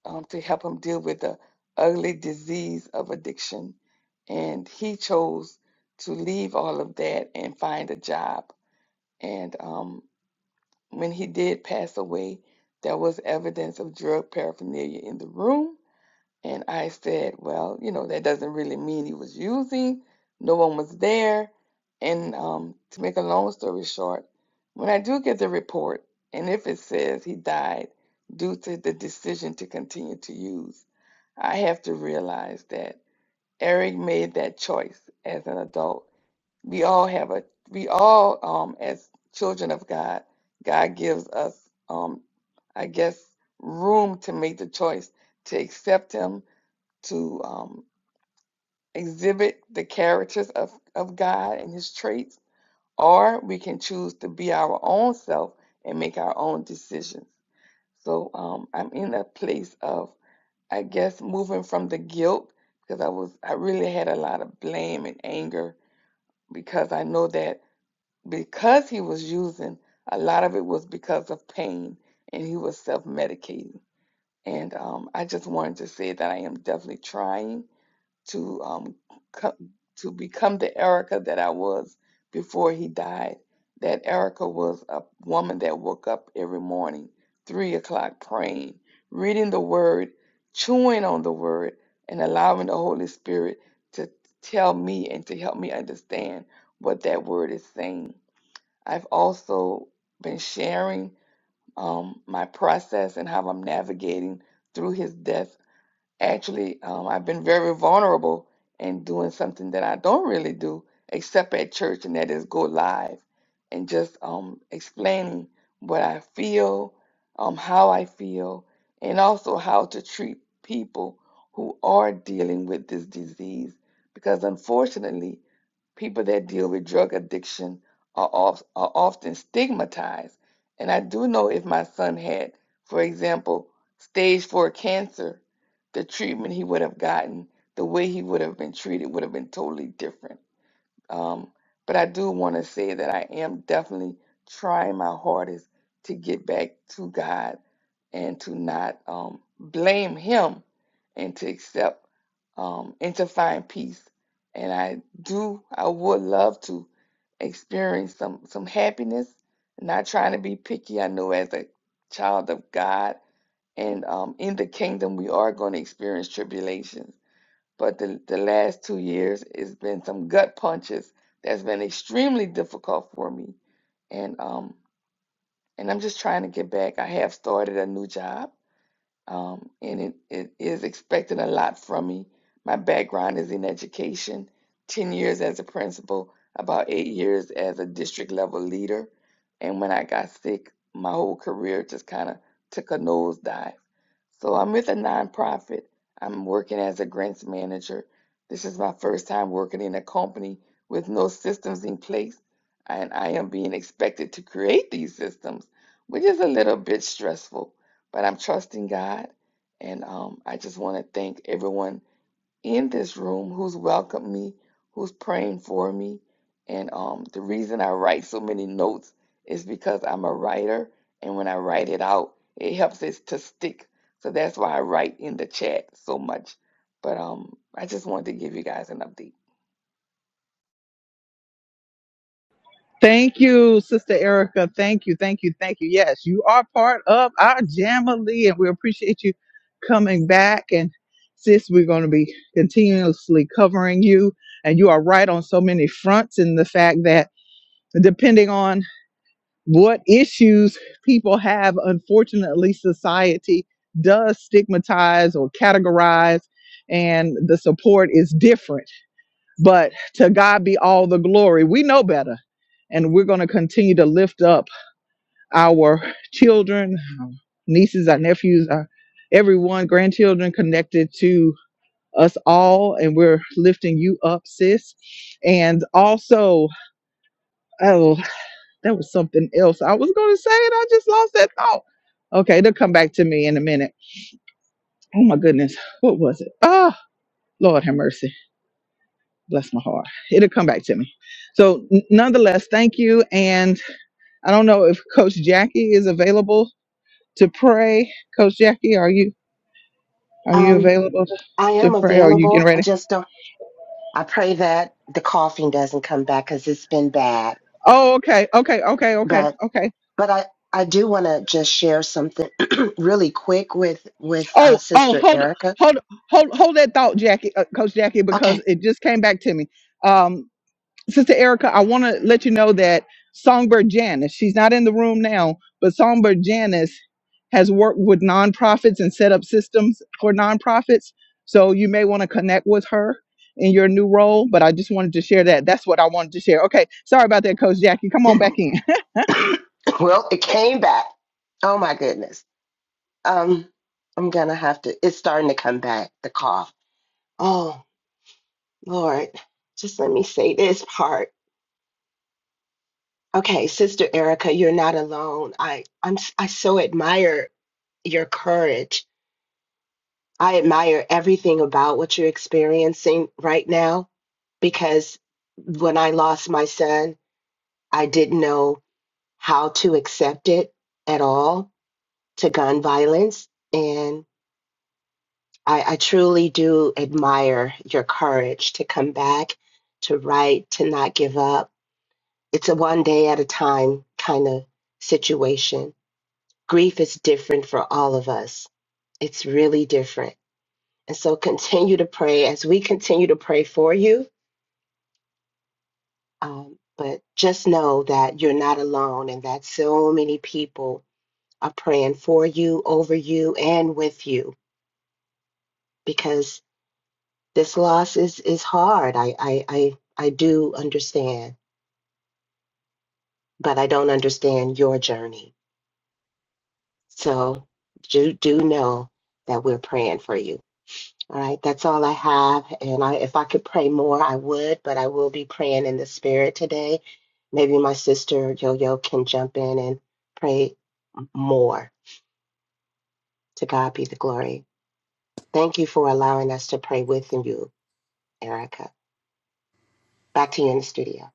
um, to help him deal with the ugly disease of addiction. And he chose to leave all of that and find a job. And um, when he did pass away, there was evidence of drug paraphernalia in the room. And I said, well, you know, that doesn't really mean he was using. No one was there. And um, to make a long story short, when I do get the report, and if it says he died due to the decision to continue to use, I have to realize that Eric made that choice as an adult. We all have a we all um as children of God, God gives us um I guess room to make the choice to accept him, to um exhibit the characters of, of God and his traits, or we can choose to be our own self and make our own decisions. So um I'm in a place of I guess moving from the guilt because I was I really had a lot of blame and anger because I know that because he was using a lot of it was because of pain and he was self-medicating and um, I just wanted to say that I am definitely trying to um co- to become the Erica that I was before he died. That Erica was a woman that woke up every morning, three o'clock, praying, reading the Word, chewing on the Word, and allowing the Holy Spirit to tell me and to help me understand what that Word is saying. I've also been sharing um, my process and how I'm navigating through his death Actually, um, I've been very vulnerable in doing something that I don't really do except at church, and that is go live and just um, explaining what I feel, um, how I feel, and also how to treat people who are dealing with this disease. Because unfortunately, people that deal with drug addiction are, of, are often stigmatized. And I do know if my son had, for example, stage four cancer, the treatment he would have gotten, the way he would have been treated would have been totally different. Um, but I do want to say that I am definitely trying my hardest to get back to God and to not um, blame Him and to accept um, and to find peace. And I do, I would love to experience some, some happiness. Not trying to be picky. I know as a child of God, and um, in the kingdom, we are going to experience tribulations. But the, the last two years, it's been some gut punches that's been extremely difficult for me. And um, and I'm just trying to get back. I have started a new job um, and it, it is expecting a lot from me. My background is in education 10 years as a principal, about eight years as a district level leader. And when I got sick, my whole career just kind of took a nosedive. So I'm with a nonprofit. I'm working as a grants manager. This is my first time working in a company with no systems in place, and I am being expected to create these systems, which is a little bit stressful. But I'm trusting God, and um, I just want to thank everyone in this room who's welcomed me, who's praying for me. And um, the reason I write so many notes is because I'm a writer, and when I write it out, it helps it to stick. So that's why I write in the chat so much. But um, I just wanted to give you guys an update. Thank you, Sister Erica. Thank you, thank you, thank you. Yes, you are part of our Jamily, and we appreciate you coming back. And sis, we're going to be continuously covering you. And you are right on so many fronts in the fact that depending on what issues people have. Unfortunately, society does stigmatize or categorize, and the support is different. But to God be all the glory. We know better, and we're going to continue to lift up our children, our nieces, our nephews, our everyone, grandchildren connected to us all and we're lifting you up sis and also oh. That was something else I was going to say, and I just lost that thought. Okay, they'll come back to me in a minute. Oh my goodness, what was it? Oh, Lord have mercy. Bless my heart. It'll come back to me. So, n- nonetheless, thank you. And I don't know if Coach Jackie is available to pray. Coach Jackie, are you are you Um, available I to am pray? Are you available. getting I ready? just don't. I pray that the coughing doesn't come back because it's been bad. Oh, okay, okay, okay, okay, But okay. but I I do want to just share something really quick with with uh, Oh, oh, Sister hold, Erica. hold, hold, hold that thought, Jackie, uh, Coach Jackie, because Okay. it just came back to me. Um. Sister Erica, I want to let you know that Songbird Janice, she's not in the room now, but Songbird Janice has worked with nonprofits and set up systems for nonprofits. So you may want to connect with her in your new role, but I just wanted to share that. That's what I wanted to share. Okay, sorry about that, Coach Jackie. Come on back in. well, it came back. Oh my goodness. Um, I'm gonna have to. It's starting to come back. The cough. Oh Lord, just let me say this part. Okay, Sister Erica, you're not alone. I I'm I so admire your courage I admire everything about what you're experiencing right now because when I lost my son, I didn't know how to accept it at all to gun violence. And I, I truly do admire your courage to come back, to write, to not give up. It's a one day at a time kind of situation. Grief is different for all of us, it's really different And so continue to pray as we continue to pray for you. Um, but just know that you're not alone and that so many people are praying for you, over you, and with you because this loss is, is hard. I, I, I, I do understand, but I don't understand your journey. So do, do know that we're praying for you. All right, that's all I have. And I, if I could pray more, I would, but I will be praying in the spirit today. Maybe my sister Yo Yo can jump in and pray more. To God be the glory. Thank you for allowing us to pray with you, Erica. Back to you in the studio.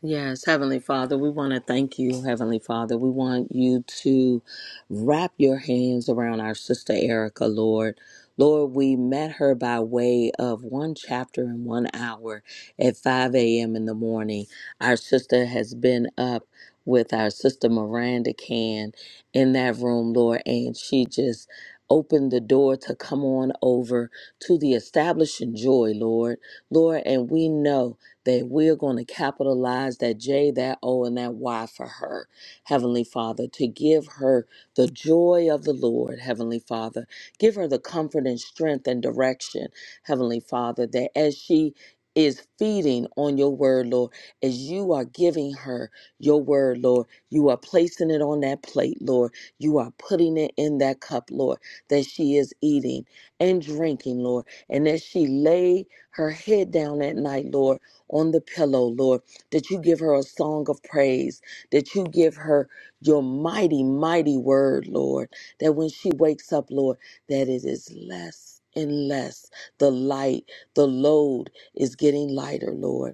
Yes, Heavenly Father, we want to thank you, Heavenly Father. We want you to wrap your hands around our sister Erica, Lord. Lord, we met her by way of one chapter in one hour at 5 a.m. in the morning. Our sister has been up with our sister Miranda Can in that room, Lord, and she just opened the door to come on over to the establishing joy, Lord. Lord, and we know that we're going to capitalize that J, that O, and that Y for her, Heavenly Father, to give her the joy of the Lord, Heavenly Father. Give her the comfort and strength and direction, Heavenly Father, that as she is feeding on your word, Lord, as you are giving her your word, Lord, you are placing it on that plate, Lord. You are putting it in that cup, Lord, that she is eating and drinking, Lord. And as she lay her head down at night, Lord, on the pillow, Lord, that you give her a song of praise, that you give her your mighty, mighty word, Lord, that when she wakes up, Lord, that it is less and less. The light, the load is getting lighter, Lord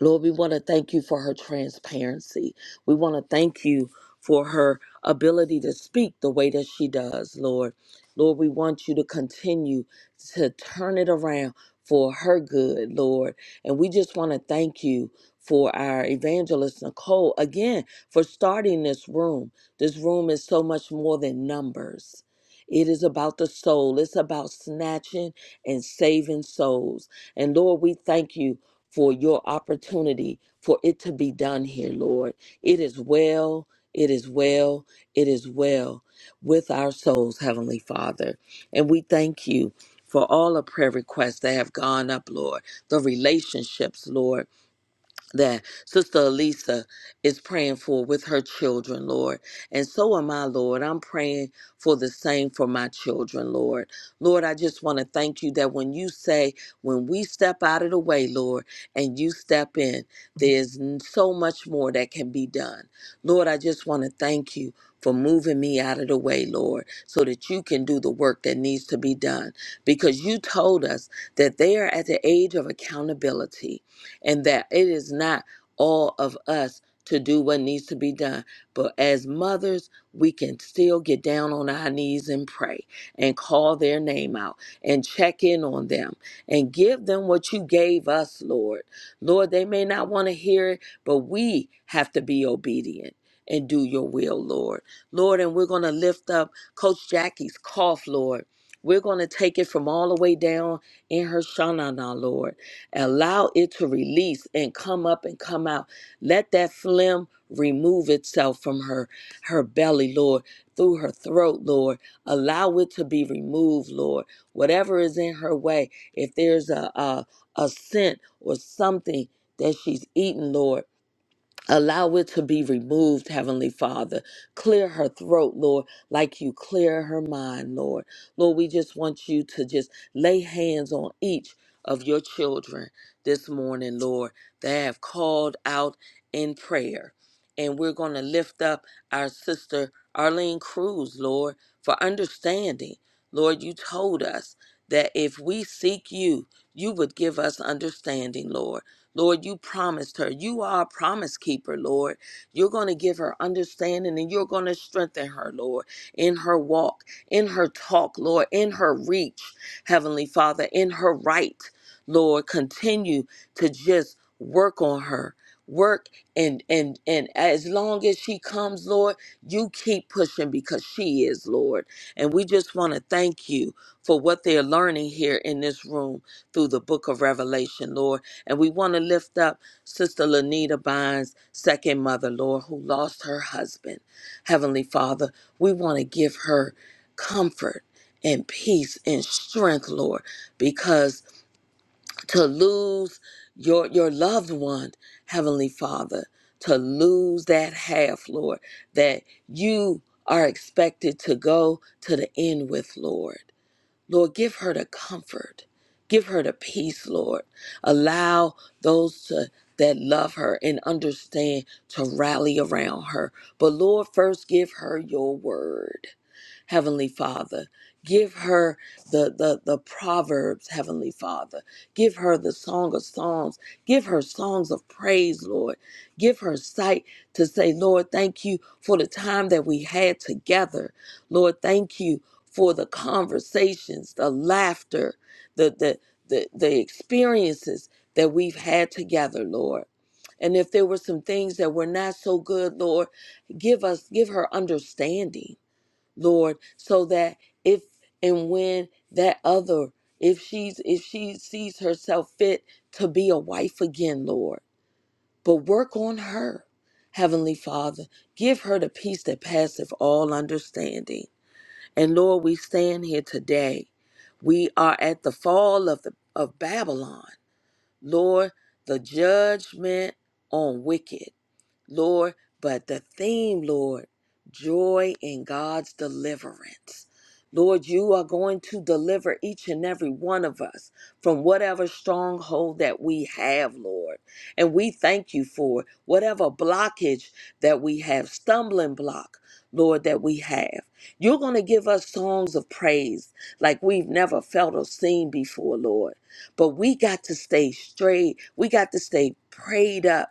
Lord, we want to thank you for her transparency. We want to thank you for her ability to speak the way that she does, Lord. Lord, we want you to continue to turn it around for her good, Lord. And we just want to thank you for our evangelist, Nicole, again, for starting this room. This room is so much more than numbers. It is about the soul. It's about snatching and saving souls. And Lord, we thank you for your opportunity for it to be done here, Lord. It is well, it is well, it is well with our souls, Heavenly Father. And we thank you for all the prayer requests that have gone up, Lord, the relationships, Lord that Sister Elisa is praying for with her children, Lord. And so am I, Lord. I'm praying for the same for my children, Lord. Lord, I just want to thank you that when you say, when we step out of the way, Lord, and you step in, there's n- so much more that can be done. Lord, I just want to thank you. For moving me out of the way, Lord, so that you can do the work that needs to be done. Because you told us that they are at the age of accountability and that it is not all of us to do what needs to be done. But as mothers, we can still get down on our knees and pray and call their name out and check in on them and give them what you gave us, Lord. Lord, they may not want to hear it, but we have to be obedient and do your will, Lord. Lord, and we're going to lift up Coach Jackie's cough, Lord. We're going to take it from all the way down in her shanana, Lord. Allow it to release and come up and come out. Let that phlegm remove itself from her her belly, Lord, through her throat, Lord. Allow it to be removed, Lord. Whatever is in her way, if there's a a, a scent or something that she's eaten, Lord. Allow it to be removed, Heavenly Father. Clear her throat, Lord, like you clear her mind, Lord. Lord, we just want you to just lay hands on each of your children this morning, Lord, that have called out in prayer. And we're going to lift up our sister Arlene Cruz, Lord, for understanding. Lord, you told us that if we seek you, you would give us understanding, Lord. Lord, you promised her. You are a promise keeper, Lord. You're going to give her understanding and you're going to strengthen her, Lord, in her walk, in her talk, Lord, in her reach, Heavenly Father, in her right, Lord. Continue to just work on her. Work and and and as long as she comes, Lord, you keep pushing because she is, Lord. And we just want to thank you for what they're learning here in this room through the book of Revelation, Lord. And we want to lift up Sister Lanita Bynes' second mother, Lord, who lost her husband. Heavenly Father, we want to give her comfort and peace and strength, Lord, because to lose your your loved one, Heavenly Father, to lose that half, Lord, that you are expected to go to the end with, Lord. Lord, give her the comfort. Give her the peace, Lord. Allow those to, that love her and understand to rally around her. But Lord, first give her your word. Heavenly Father. Give her the, the, the Proverbs, Heavenly Father. Give her the Song of Songs. Give her songs of praise, Lord. Give her sight to say, Lord, thank you for the time that we had together. Lord, thank you for the conversations, the laughter, the, the, the, the experiences that we've had together, Lord. And if there were some things that were not so good, Lord, give us, give her understanding Lord, so that if and when that other, if she's if she sees herself fit to be a wife again, Lord, but work on her. Heavenly Father, give her the peace that passeth all understanding. And Lord, we stand here today. We are at the fall of the of Babylon. Lord, the judgment on wicked. Lord, but the theme, Lord, joy in God's deliverance. Lord, you are going to deliver each and every one of us from whatever stronghold that we have, Lord. And we thank you for whatever blockage that we have, stumbling block, Lord, that we have. You're going to give us songs of praise like we've never felt or seen before, Lord. But we got to stay straight. We got to stay prayed up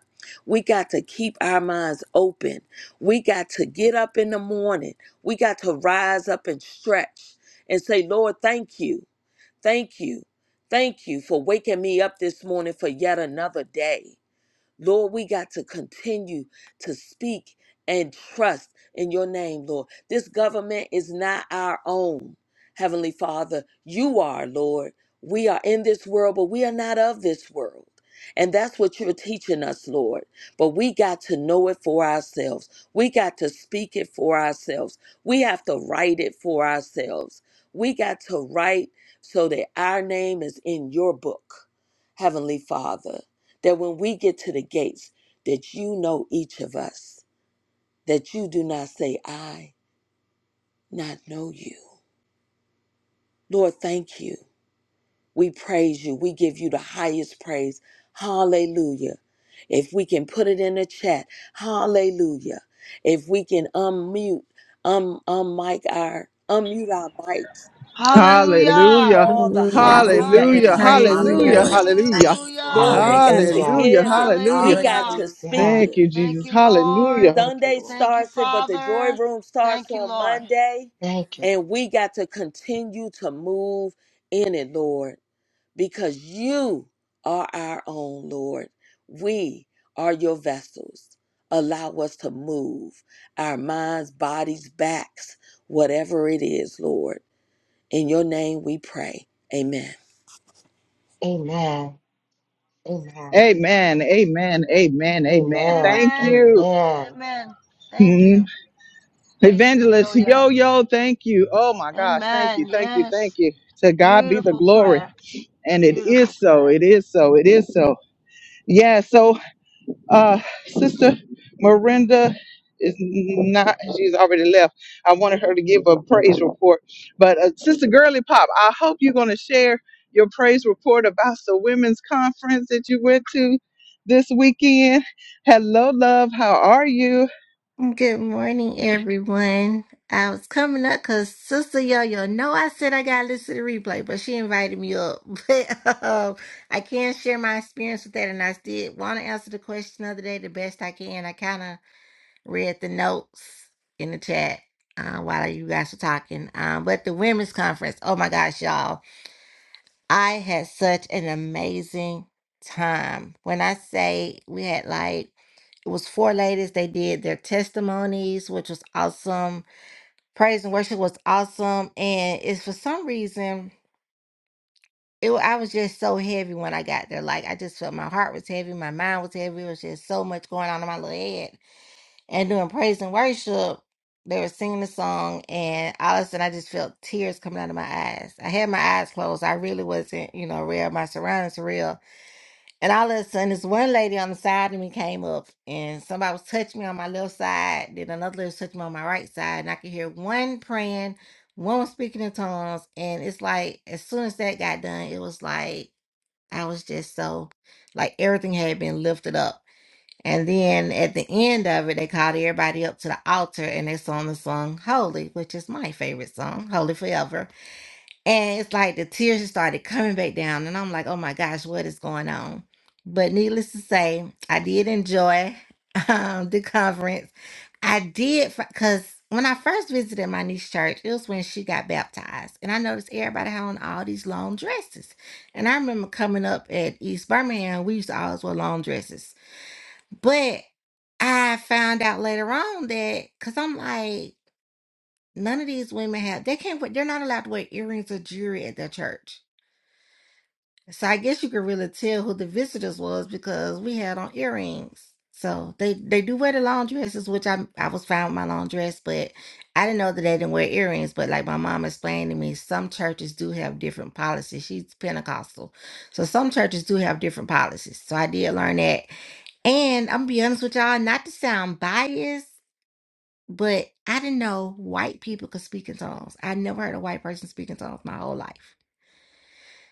we got to keep our minds open. We got to get up in the morning. We got to rise up and stretch and say, Lord, thank you. Thank you. Thank you for waking me up this morning for yet another day. Lord, we got to continue to speak and trust in your name, Lord. This government is not our own, Heavenly Father. You are, Lord. We are in this world, but we are not of this world. And that's what you're teaching us, Lord. But we got to know it for ourselves. We got to speak it for ourselves. We have to write it for ourselves. We got to write so that our name is in your book, Heavenly Father that when we get to the gates, that you know each of us, that you do not say, I not know you. Lord, thank you. We praise you. We give you the highest praise. Hallelujah. If we can put it in the chat, hallelujah. If we can unmute, um, unmic our, unmute our mics and just give him Hallelujah. Hallelujah. all the Hallelujah. hallelujah Hallelujah. and Hallelujah. praise, Hallelujah. Lord. Hallelujah. Hallelujah. Thank Hallelujah. you, Lord. Hallelujah. Lord, we Thank you, got to Lord. Hallelujah. Hallelujah. give it. Hallelujah. We got Hallelujah. to Hallelujah. speak Yes. Thank it. you, Thank Jesus. you, Lord. Hallelujah. Thank you, Sunday Lord. Thank you, starts it, but the joy Father. room starts Thank you, on Lord. Monday. Thank you. And we got to continue to move in it, Lord, because you are our own, Lord. We are your vessels. Allow us to move our minds, bodies, backs, whatever it is, Lord. In your name we pray. Amen. Amen. Amen. Amen. Amen. Amen. Amen. Amen. Thank Amen. you. Amen. Amen. Thank Mhm. you. Thank you, Evangelist Rioyo. Yo Yo, thank you. Oh my gosh. Thank Amen. you. Thank you. Thank Yes. you. To God be the Beautiful glory. prayer. And it is Beautiful so. prayer. It is so. It is so. Yeah. So. Uh, Sister Miranda is not, she's already left. I wanted her to give a praise report. But uh, Sister Girly Pop, I hope you're going to share your praise report about the women's conference that you went to this weekend. Hello, love. How are you? Good morning, everyone. I was coming up because Sister Yo-Yo, know I said I got to listen to the replay, but she invited me up. But um, I can share my experience with that, and I did want to answer the question the other day the best I can. I kind of read the notes in the chat uh, while you guys were talking. Um, but the women's conference, oh my gosh, y'all. I had such an amazing time. When I say we had like, it was four ladies, they did their testimonies, which was awesome. Praise and worship was awesome. And it's for some reason, it, wa- I was just so heavy when I got there. Like, I just felt my heart was heavy, my mind was heavy. It was just so much going on in my little head. And doing praise and worship, they were singing the song, and all of a sudden, I just felt tears coming out of my eyes. I had my eyes closed. I really wasn't, you know, real. My surroundings were real. And all of a sudden, this one lady on the side of me came up, and somebody was touching me on my left side. Then another lady was touching me on my right side, and I could hear one praying, one was speaking in tongues. And it's like, as soon as that got done, it was like I was just so, like everything had been lifted up. And then at the end of it, they called everybody up to the altar, and they sung the song "Holy," which is my favorite song, "Holy Forever." And it's like the tears just started coming back down. And I'm like, oh my gosh, what is going on? But needless to say, I did enjoy um, the conference. I did, because when I first visited my niece's church, it was when she got baptized. And I noticed everybody had on all these long dresses. And I remember coming up at East Birmingham, we used to always wear long dresses. But I found out later on that, because I'm like, none of these women have, they can't, wear- they're not allowed to wear earrings or jewelry at their church. So I guess you could really tell who the visitors was because we had on earrings. So they they do wear the long dresses, which I I was fine with my long dress, but I didn't know that they didn't wear earrings. But like my mom explained to me, some churches do have different policies. She's Pentecostal, so some churches do have different policies. So I did learn that. And I'm gonna be honest with y'all, not to sound biased, but I didn't know white people could speak in tongues. I never heard a white person speak in tongues my whole life.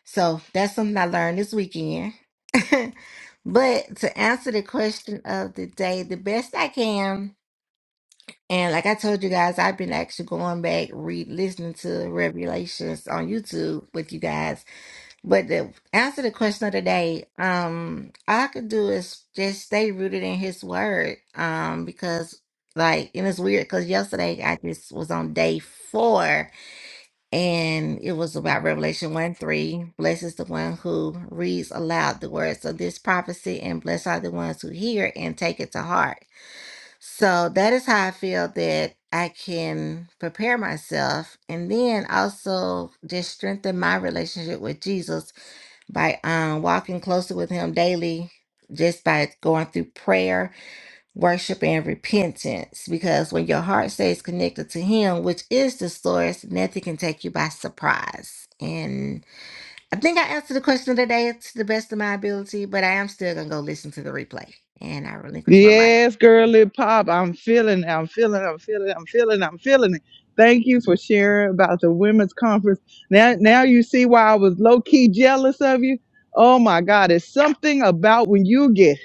So that's something I learned this weekend. but to answer the question of the day, the best I can, and like I told you guys, I've been actually going back, re listening to Revelations on YouTube with you guys. But to answer the question of the day, um, all I could do is just stay rooted in His Word, um, because like, and it's weird because yesterday I just was on day four and it was about Revelation 1 3. Blessed is the one who reads aloud the words of this prophecy, and blessed are the ones who hear and take it to heart. So that is how I feel that I can prepare myself and then also just strengthen my relationship with Jesus by um, walking closer with Him daily, just by going through prayer worship and repentance because when your heart stays connected to him which is the source nothing can take you by surprise and i think i answered the question of the day to the best of my ability but i am still gonna go listen to the replay and i relinquish my mic Yes, girly pop. I'm feeling, I'm feeling, I'm feeling, I'm feeling, I'm feeling it. Thank you for sharing about the women's conference. Now, now you see why I was low key jealous of you. Oh my God, it's something about when you get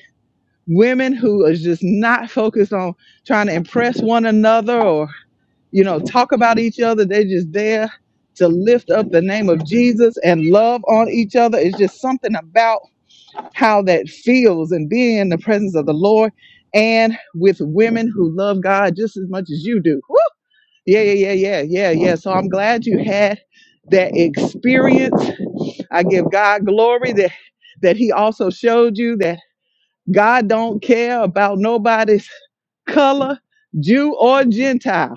women who are just not focused on trying to impress one another or, you know, talk about each other. They're just there to lift up the name of Jesus and love on each other. It's just something about how that feels and being in the presence of the Lord and with women who love God just as much as you do. Woo! Yeah, yeah, yeah, yeah, yeah, yeah. So I'm glad you had that experience. I give God glory that that He also showed you that God don't care about nobody's color, Jew or Gentile.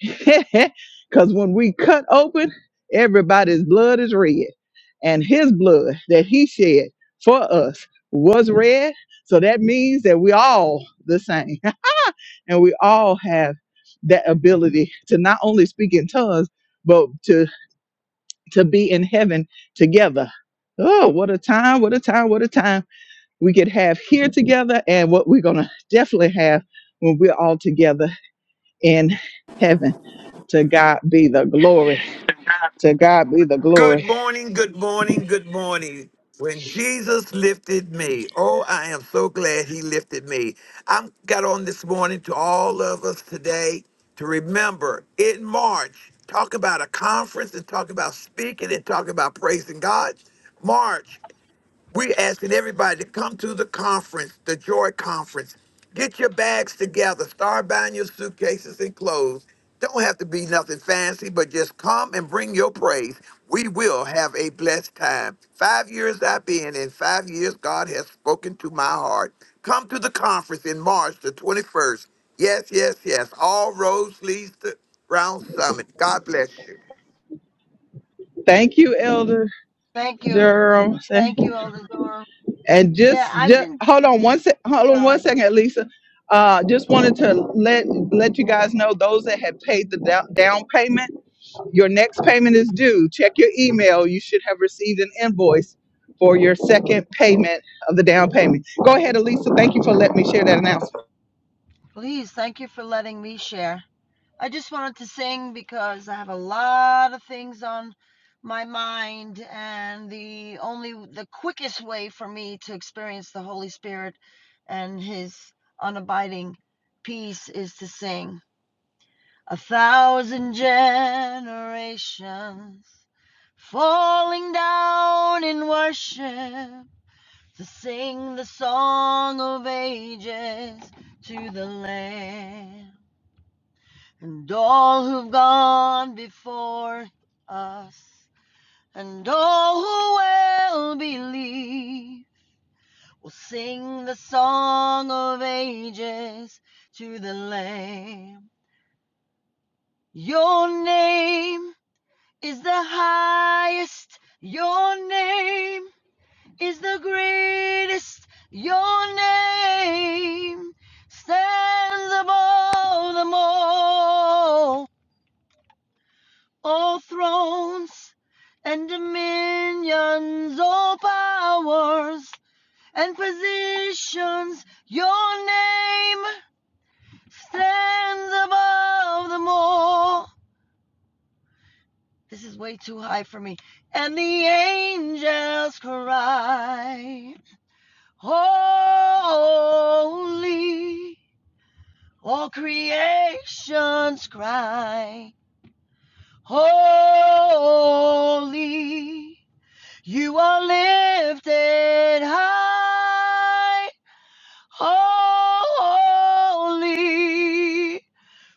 Because when we cut open, everybody's blood is red. And his blood that he shed for us was red. So that means that we all the same. and we all have that ability to not only speak in tongues, but to, to be in heaven together. Oh, what a time, what a time, what a time we could have here together and what we're going to definitely have when we're all together in heaven. To God be the glory. To God be the Good glory. morning, good morning, good morning. When Jesus lifted me, oh, I am so glad he lifted me. I got on this morning to all of us today to remember in March, talk about a conference and talk about speaking and talk about praising God. March we're asking everybody to come to the conference, the Joy Conference. Get your bags together. Start buying your suitcases and clothes. Don't have to be nothing fancy, but just come and bring your praise. We will have a blessed time. Five years I've been, and five years God has spoken to my heart. Come to the conference in March the 21st. Yes, yes, yes. All roads leads to Round Summit. God bless you. Thank you, Elder Thank you. Durham. Thank you, Elder Durham. And Yeah, just, I've just been hold on one sec. Hold on one sorry. second, Lisa. Uh, just wanted to let let you guys know those that had paid the down, down payment, your next payment is due. Check your email. You should have received an invoice for your second payment of the down payment. Go ahead, Elisa. Thank you for letting me share that announcement. Please, thank you for letting me share. I just wanted to sing because I have a lot of things on my mind and the only the quickest way for me to experience the Holy Spirit and his unabiding peace is to sing. A thousand generations falling down in worship to sing the song of ages to the Lamb and all who've gone before us, and all who will believe, will sing the song of ages to the Lamb. Your name is the highest, your name is the greatest, your name stands above them all. all thrones and dominions, all powers and positions. Your name stands above them all. This is way too high for me. And the angels cry, Holy. All creations cry, Holy. You are lifted high, holy,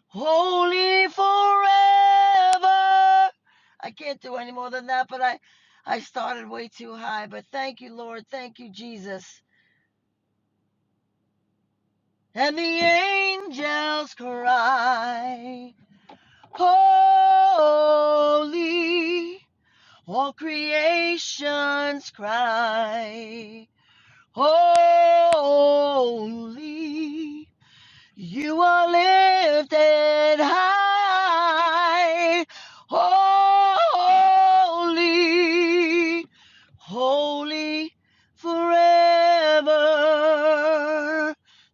holy forever. I can't do any more than that, but I, I started way too high. But thank you, Lord. Thank you, Jesus. And the angels cry, Holy. All creations cry. Holy, you are lifted high. Holy, holy forever.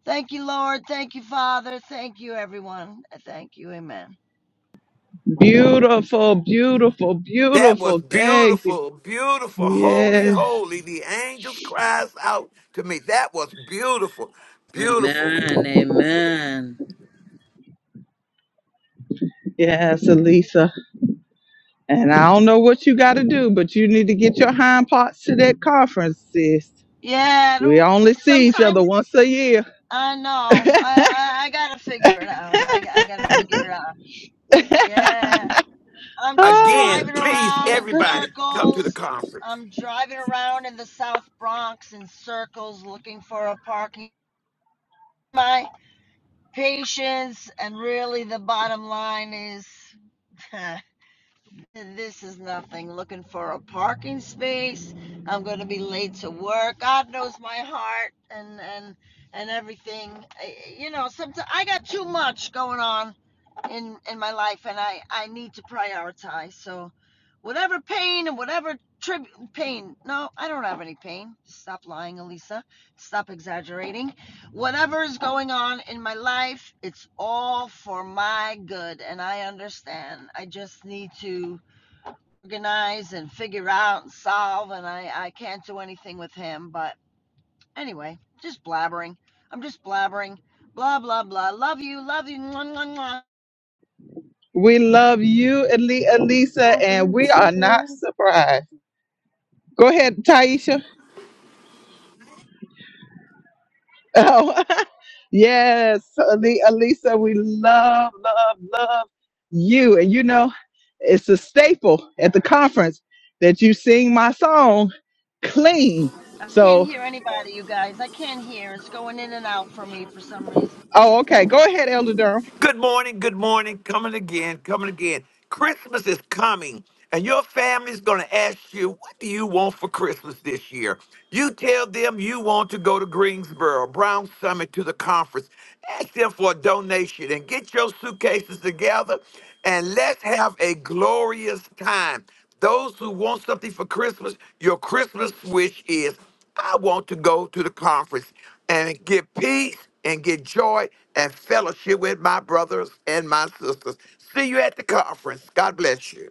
Thank you, Lord. Thank you, Father. Thank you, everyone. Thank you. Amen. Beautiful, beautiful, That was beautiful. Thank you. beautiful, beautiful, holy, Yes, holy. The angels cries out to me. That was beautiful, beautiful. Amen. Amen. yes, Elisa. And I don't know what you got to do, but you need to get your hind parts to that conference, sis. Yeah, I We don't, only see each other sometimes once a year. I know. I, I, I got to figure it out. I, I got to figure it out. Yeah. I'm just Ah, Again, driving please, around in everybody, come to the circles. conference. I'm driving around in the South Bronx in circles looking for a parking. My patience and really the bottom line is this is nothing. Looking for a parking space. I'm going to be late to work. God knows my heart and and and everything. I- You know, sometimes I got too much going on in in my life and i i need to prioritize so whatever pain and whatever trib pain no i don't have any pain stop lying elisa stop exaggerating whatever is going on in my life it's all for my good and i understand i just need to organize and figure out and solve and i i can't do anything with him but anyway just blabbering i'm just blabbering blah blah blah love you love you mwah, mwah, mwah. we love you, Ali- Alisa, and we are not surprised. Go ahead, Taisha. Oh, yes, Ali- Alisa, we love, love, love you. And you know, it's a staple at the conference that you sing my song clean. I can't So, hear anybody, you guys. I can't hear. It's going in and out for me for some reason. oh, okay. Go ahead, Elder Durham. Good morning, good morning. Coming again, coming again. Christmas is coming, and your family's going to ask you, What do you want for Christmas this year? You tell them you want to go to Greensboro, Brown Summit, to the conference. Ask them for a donation and get your suitcases together, and let's have a glorious time. Those who want something for Christmas, your Christmas wish is. I want to go to the conference and get peace and get joy and fellowship with my brothers and my sisters. See you at the conference. God bless you.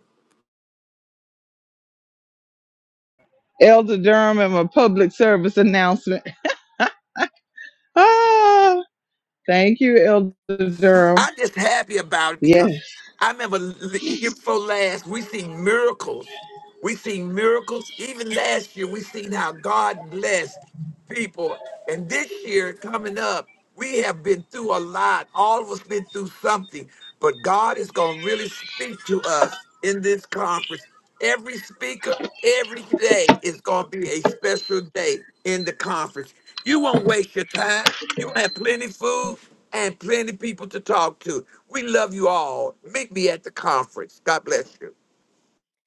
Elder Durham and my public service announcement. Ah. Thank you, Elder Durham. I'm just happy about it Yes. because I remember the year before last, we seen miracles. We seen miracles. Even last year, we seen how God blessed people. And this year coming up, we have been through a lot. All of us been through something. But God is going to really speak to us in this conference. Every speaker, every day is going to be a special day in the conference. You won't waste your time. You gonna have plenty food and plenty people to talk to. We love you all. Meet me at the conference. God bless you.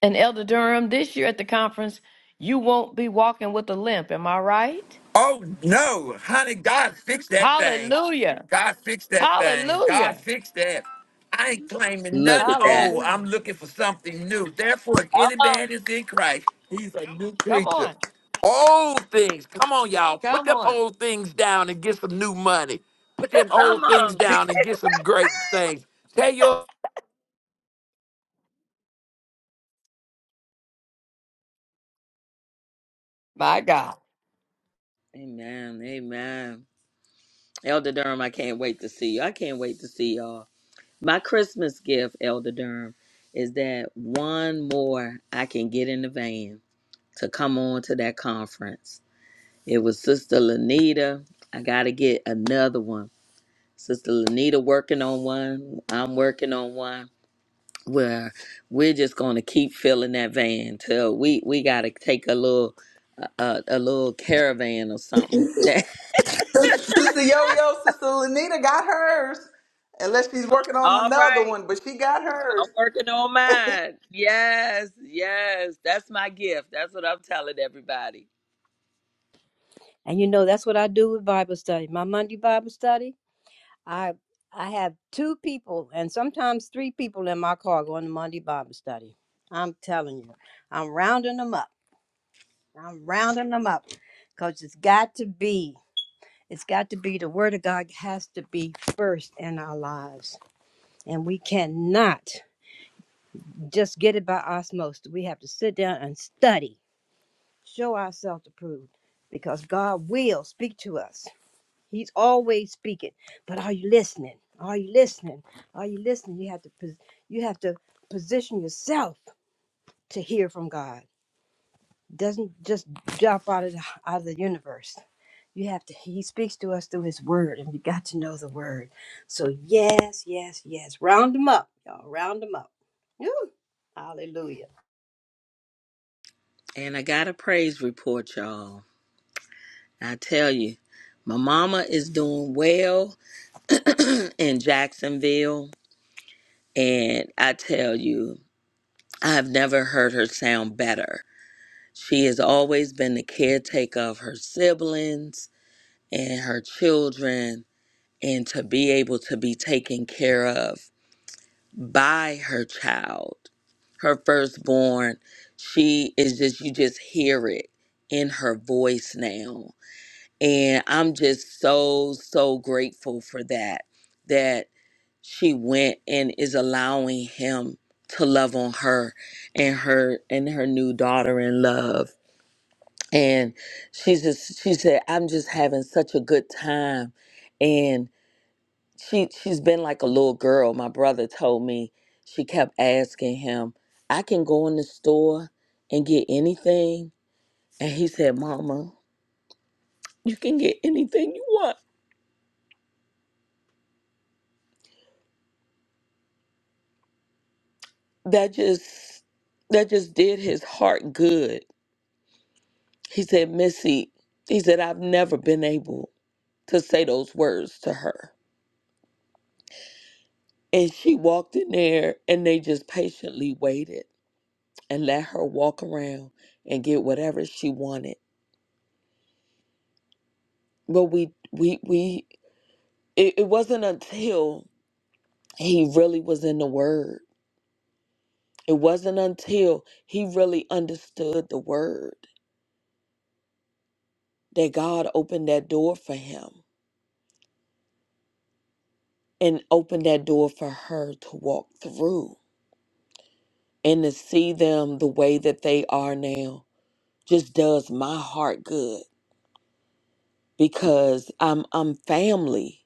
And Elder Durham, this year at the conference, you won't be walking with a limp. Am I right? Oh no, honey, God fixed that thing. Hallelujah. God fixed that thing. God Hallelujah. fixed that. I ain't claiming Look nothing at that. old. I'm Hallelujah. looking for something new. Therefore, if Come any on. man is in Christ, he's a new Come creature. on. Old things, come on, y'all. Put Come them on. old things down and get some new money. Put them old Come things on. down and get some great things. Tell your My God. Amen. Amen. Elder Durham, I can't wait to see you. I can't wait to see y'all. My Christmas gift, Elder Durham, is that one more I can get in the van to come on to that conference. It was Sister Lanita. I got to get another one. Sister Lanita working on one. I'm working on one. Where we're just gonna keep filling that van till we we gotta take a little a, a, a little caravan or something. Sister Yo Yo, Sister Lanita got hers. Unless she's working on All another right. one, but she got Well, I'm hers. working on mine. Yes, yes. That's my gift. That's what I'm telling everybody. And you know that's what I do with Bible study. My Monday Bible study, I I have two people and sometimes three people in my car going to Monday Bible study. I'm telling you, I'm rounding them up. I'm rounding them up because it's got to be. It's got to be the Word of God has to be first in our lives. And we cannot just get it by osmosis. We have to sit down and study, show ourselves approved, because God will speak to us. He's always speaking. But are you listening? Are you listening? Are you listening? You have to pos- you have to position yourself to hear from God. doesn't just drop out of the, out of the universe. You have to. He speaks to us through His Word, and we got to know the Word. So yes, yes, yes. Round them up, y'all. Round them up. Woo. Hallelujah. And I got a praise report, y'all. I tell you, my mama is doing well in Jacksonville. And I tell you, I've never heard her sound better. She has always been the caretaker of her siblings and her children, and to be able to be taken care of. by her child, her firstborn. She is just, you just hear it in her voice now. And I'm just so, so grateful for that, that she went and is allowing him to love on her and her and her new daughter in love. And she's just she said, I'm just having such a good time she she's been like a little girl. My brother told me she kept asking him, "I can go in the store and get anything," and he said, "Mama, you can get anything you want." That just that just did his heart good. He said, "Missy," he said, "I've never been able to say those words to her." And she walked in there, and they just patiently waited and let her walk around and get whatever she wanted. But we we we it, it wasn't until he really was in the word it wasn't until he really understood the word that god opened that door for him and opened that door for her to walk through and to see them the way that they are now just does my heart good because i'm i'm family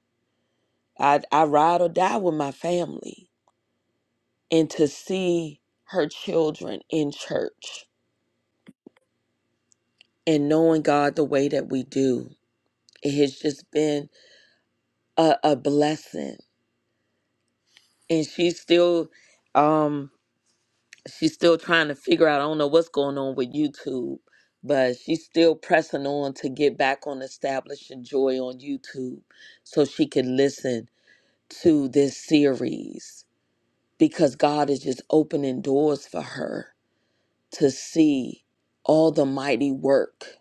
i i ride or die with my family and to see her children in church and knowing god the way that we do it has just been a, a blessing and she's still um she's still trying to figure out i don't know what's going on with youtube but she's still pressing on to get back on establishing joy on youtube so she can listen to this series because god is just opening doors for her to see all the mighty work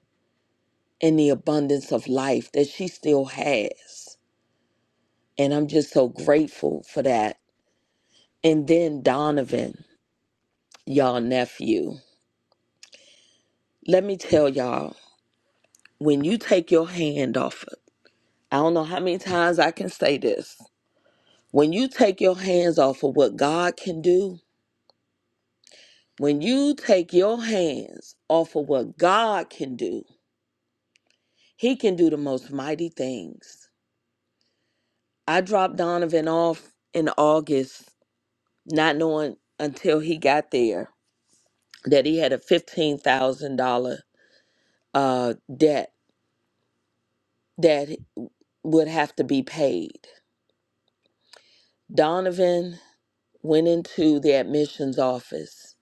and the abundance of life that she still has and i'm just so grateful for that And then Donovan, y'all nephew. Let me tell y'all, when you take your hand off of, I don't know how many times I can say this. When you take your hands off of what God can do, when you take your hands off of what God can do, He can do the most mighty things. I dropped Donovan off in August, not knowing until he got there that he had a $15,000 uh, debt that would have to be paid. Donovan went into the admissions office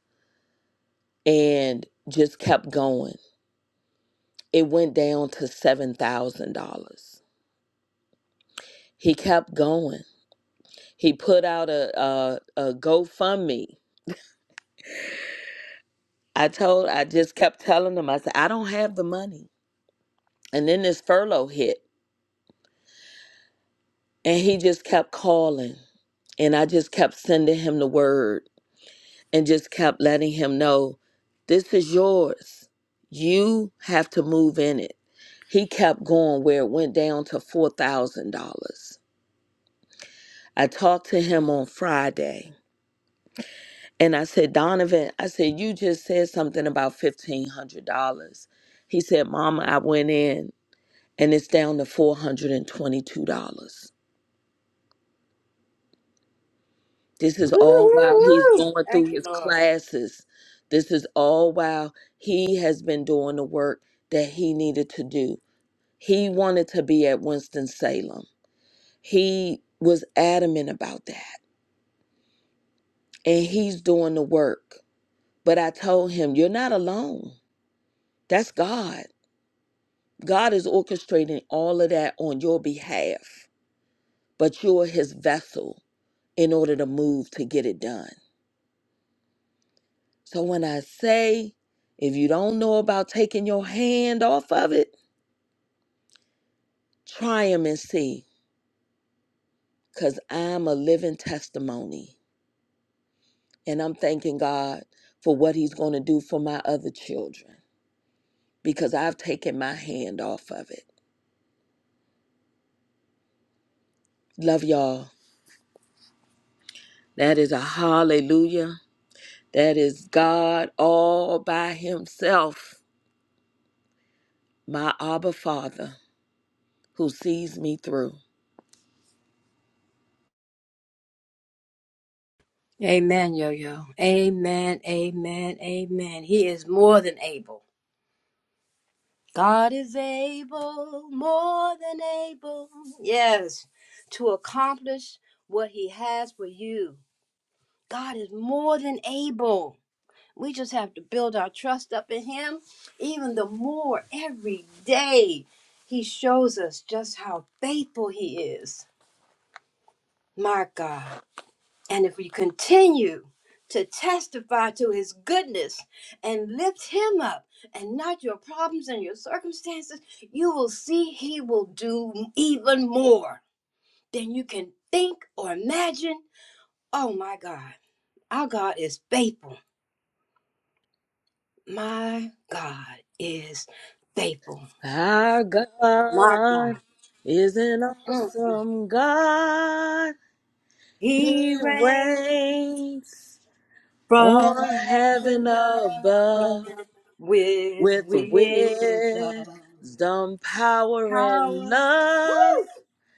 and just kept going. It went down to $7,000. He kept going. He put out a, a, a GoFundMe. I told, I just kept telling him, I said, I don't have the money. And then this furlough hit and he just kept calling. And I just kept sending him the word and just kept letting him know this is yours. You have to move in it. He kept going where it went down to $4,000. I talked to him on Friday and I said, Donovan, I said, you just said something about $1,500. He said, Mama, I went in and it's down to $422. This Woo, is all while woo, he's woo. going Thank through you, his Lord. classes. This is all while he has been doing the work that he needed to do. He wanted to be at Winston-Salem. He was adamant about that. And he's doing the work. But I told him, You're not alone. That's God. God is orchestrating all of that on your behalf, but you're his vessel in order to move to get it done. So when I say, if you don't know about taking your hand off of it, try them and see, because I'm a living testimony. And I'm thanking God for what He's going to do for my other children because I've taken my hand off of it. Love y'all. That is a hallelujah. That is God all by Himself, my Abba Father, who sees me through. Amen, yo yo. Amen, amen, amen. He is more than able. God is able, more than able. Yes, to accomplish what He has for you God is more than able. We just have to build our trust up in Him even the more every day. He shows us just how faithful He is, my God. And if we continue to testify to His goodness and lift Him up and not your problems and your circumstances, you will see He will do even more than you can think or imagine. Oh, my God. Our God is faithful. My God is faithful. Our My God God. is an Mm. awesome God. He He reigns reigns from on heaven heaven above above with with wisdom, wisdom, power, and power. love.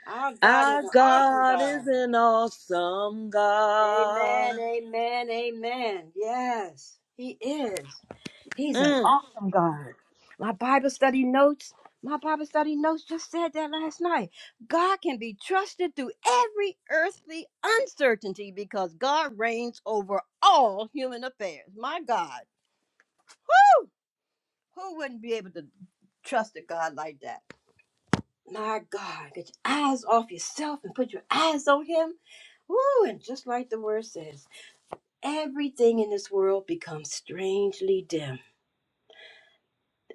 Our God is Our an awesome God God. is an awesome Amen, God. amen, amen. Yes, He is. He's an Mm. awesome God. My Bible study notes, my Bible study notes just said that last night. God can be trusted through every earthly uncertainty because God reigns over all human affairs. My God. Woo! Who wouldn't be able to trust a God like that? My God, get your eyes off yourself and put your eyes on Him. Woo! And just like the word says, everything in this world becomes strangely dim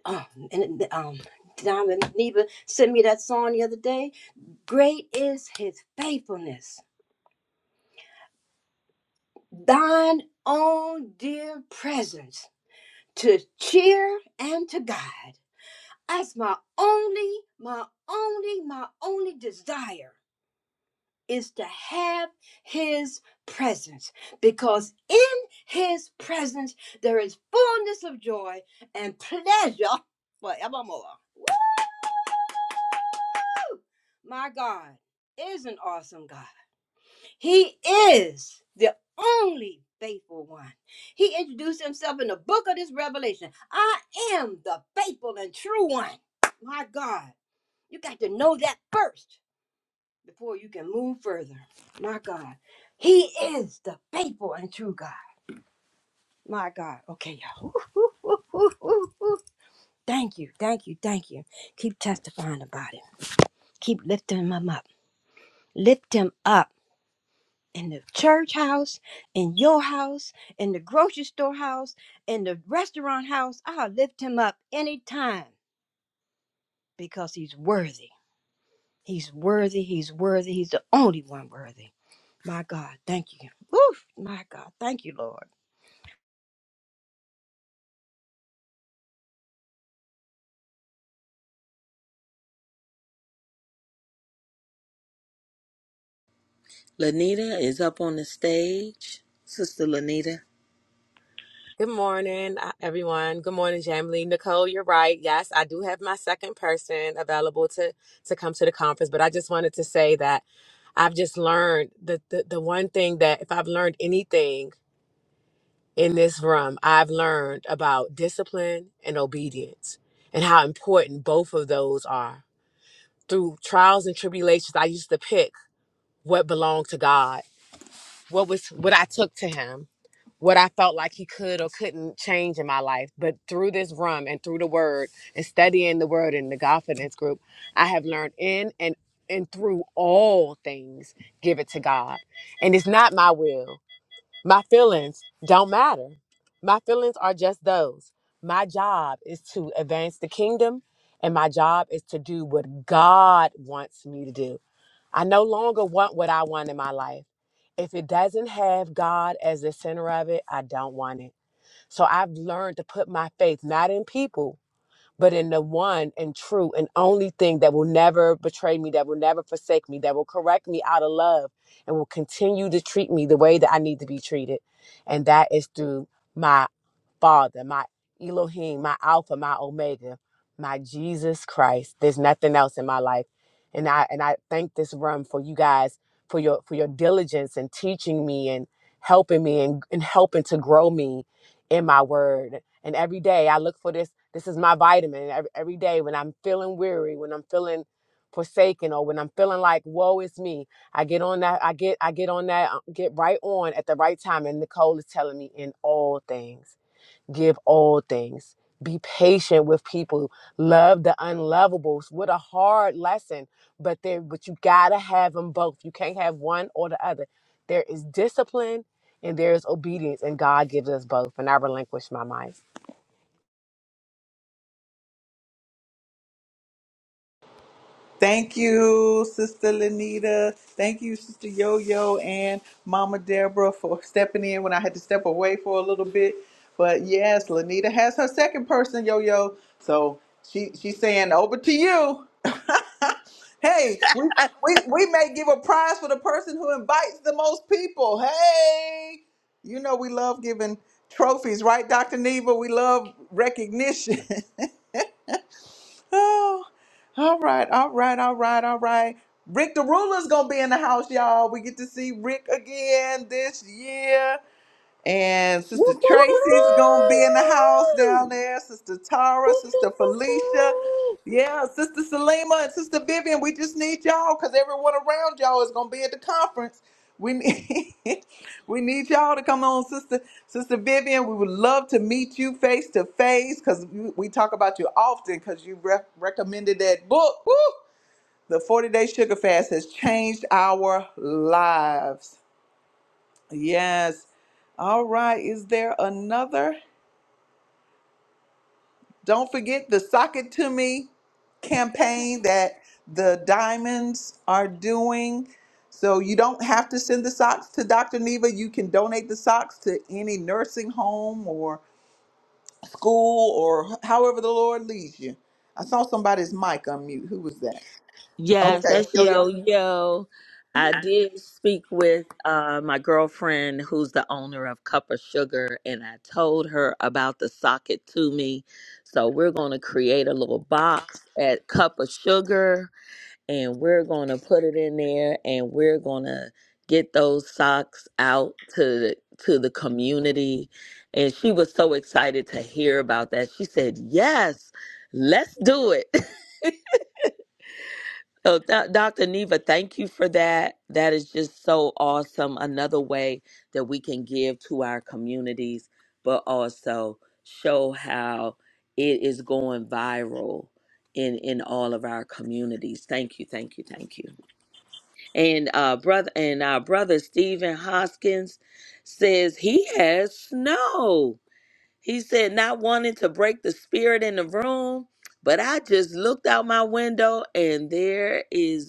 Oh, and um, Diamond Neva sent me that song the other day. Great is his faithfulness. Thine own dear presence to cheer and to guide. That's my only, my only, my only desire is to have his presence because in his presence there is fullness of joy and pleasure forevermore. My God is an awesome God. He is the only faithful one. He introduced himself in the book of this revelation. I am the faithful and true one. My God, you got to know that first before you can move further. My God, He is the faithful and true God. My God. Okay, y'all. Woo, woo, woo, woo, woo. Thank you, thank you, thank you. Keep testifying about it. Keep lifting him up. Lift him up in the church house, in your house, in the grocery store house, in the restaurant house. I'll lift him up anytime because he's worthy. He's worthy. He's worthy. He's the only one worthy. My God, thank you. Woof, my God, thank you, Lord. Lanita is up on the stage. Sister Lanita. Good morning, uh, everyone. Good morning, Jamily. Nicole, you're right. Yes, I do have my second person available to to come to the conference, but I just wanted to say that I've just learned that the, the one thing that if I've learned anything in this room, I've learned about discipline and obedience and how important both of those are. Through trials and tribulations, I used to pick what belonged to God, what was what I took to him what I felt like he could or couldn't change in my life. But through this rum and through the word and studying the word in the confidence group, I have learned in and and through all things, give it to God. And it's not my will. My feelings don't matter. My feelings are just those. My job is to advance the kingdom, and my job is to do what God wants me to do. I no longer want what I want in my life. If it doesn't have God as the center of it, I don't want it. So I've learned to put my faith not in people, but in the one and true and only thing that will never betray me, that will never forsake me, that will correct me out of love and will continue to treat me the way that I need to be treated. And that is through my Father, my Elohim, my Alpha, my Omega, my Jesus Christ. There's nothing else in my life. And I and I thank this room for you guys for your for your diligence and teaching me and helping me and, and helping to grow me in my word. And every day I look for this. This is my vitamin. Every, every day when I'm feeling weary, when I'm feeling forsaken, or when I'm feeling like woe is me, I get on that. I get I get on that. uh, Get right on at the right time. And Nicole is telling me in all things give all things. Be patient with people. Love the unlovables. What a hard lesson, but there, but you gotta have them both. You can't have one or the other. There is discipline and there is obedience, and God gives us both. And I relinquish my mind. Thank you, Sister Lanita. Thank you, Sister Yo Yo and Mama Deborah for stepping in when I had to step away for a little bit. But yes, Lanita has her second person, Yo Yo. So she she's saying over to you. Hey, we, Ah, we we may give a prize for the person who invites the most people. Hey, you know we love giving trophies, right, Dr. Neva? We love recognition. oh, all right, all right, all right, all right. Rick the Ruler's gonna be in the house, y'all. We get to see Rick again this year. And Sister whoop, whoop, whoop, Tracy's gonna whoop. be in the house Woo-hoo! down there. Sister Tara, Whoop, Sister whoop, whoop, Felicia, whoop. yeah, Sister Salima and Sister Vivian. We just need y'all because everyone around y'all is gonna be at the conference. We need we need y'all to come on, Sister Sister Vivian. We would love to meet you face to face because we we talk about you often because you re- recommended that book. Woo! The 40 Day Sugar Fast has changed our lives. Yes. All right. Is there another? Don't forget the Sock It To Me campaign that the Diamonds are doing. So you don't have to send the socks to Dr. Neva. You can donate the socks to any nursing home or school or however the Lord leads you. I saw somebody's mic unmute. Who was that? Yes, Okay, that's yo yo yo. yo. I did speak with uh, my girlfriend, who's the owner of Cup of Sugar, and I told her about the socket to me. So we're going to create a little box at Cup of Sugar, and we're going to put it in there, and we're going to get those socks out to the, to the community. And she was so excited to hear about that. She said, "Yes, let's do it." So, th- Dr. Neva, thank you for that. That is just so awesome. Another way that we can give to our communities, but also show how it is going viral in in all of our communities. Thank you, thank you, thank you. And uh, brother, and our brother Stephen Hoskins says he has snow. He said not wanting to break the spirit in the room, but I just looked out my window and there is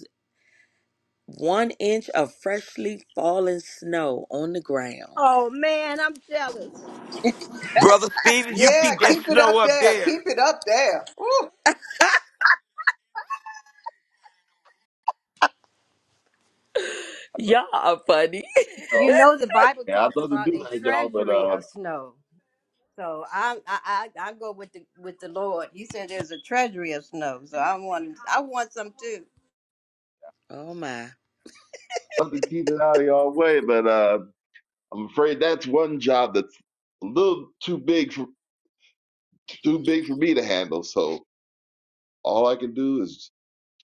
one inch of freshly fallen snow on the ground. Oh man, I'm jealous. Brother Stephen, you Yeah, keep that keep it snow up up there. Keep there. it up there. Woo. Y'all are funny. You So, know the Bible yeah, I'd talks love to about do a that, y'all, but treasury uh, of snow. So I I I, I go with the with the Lord. He said there's a treasury of snow, so I want I want some too. Oh my. I'd love to keep it out of y'all way. But uh, I'm afraid that's one job that's a little too big for too big for me to handle. So all I can do is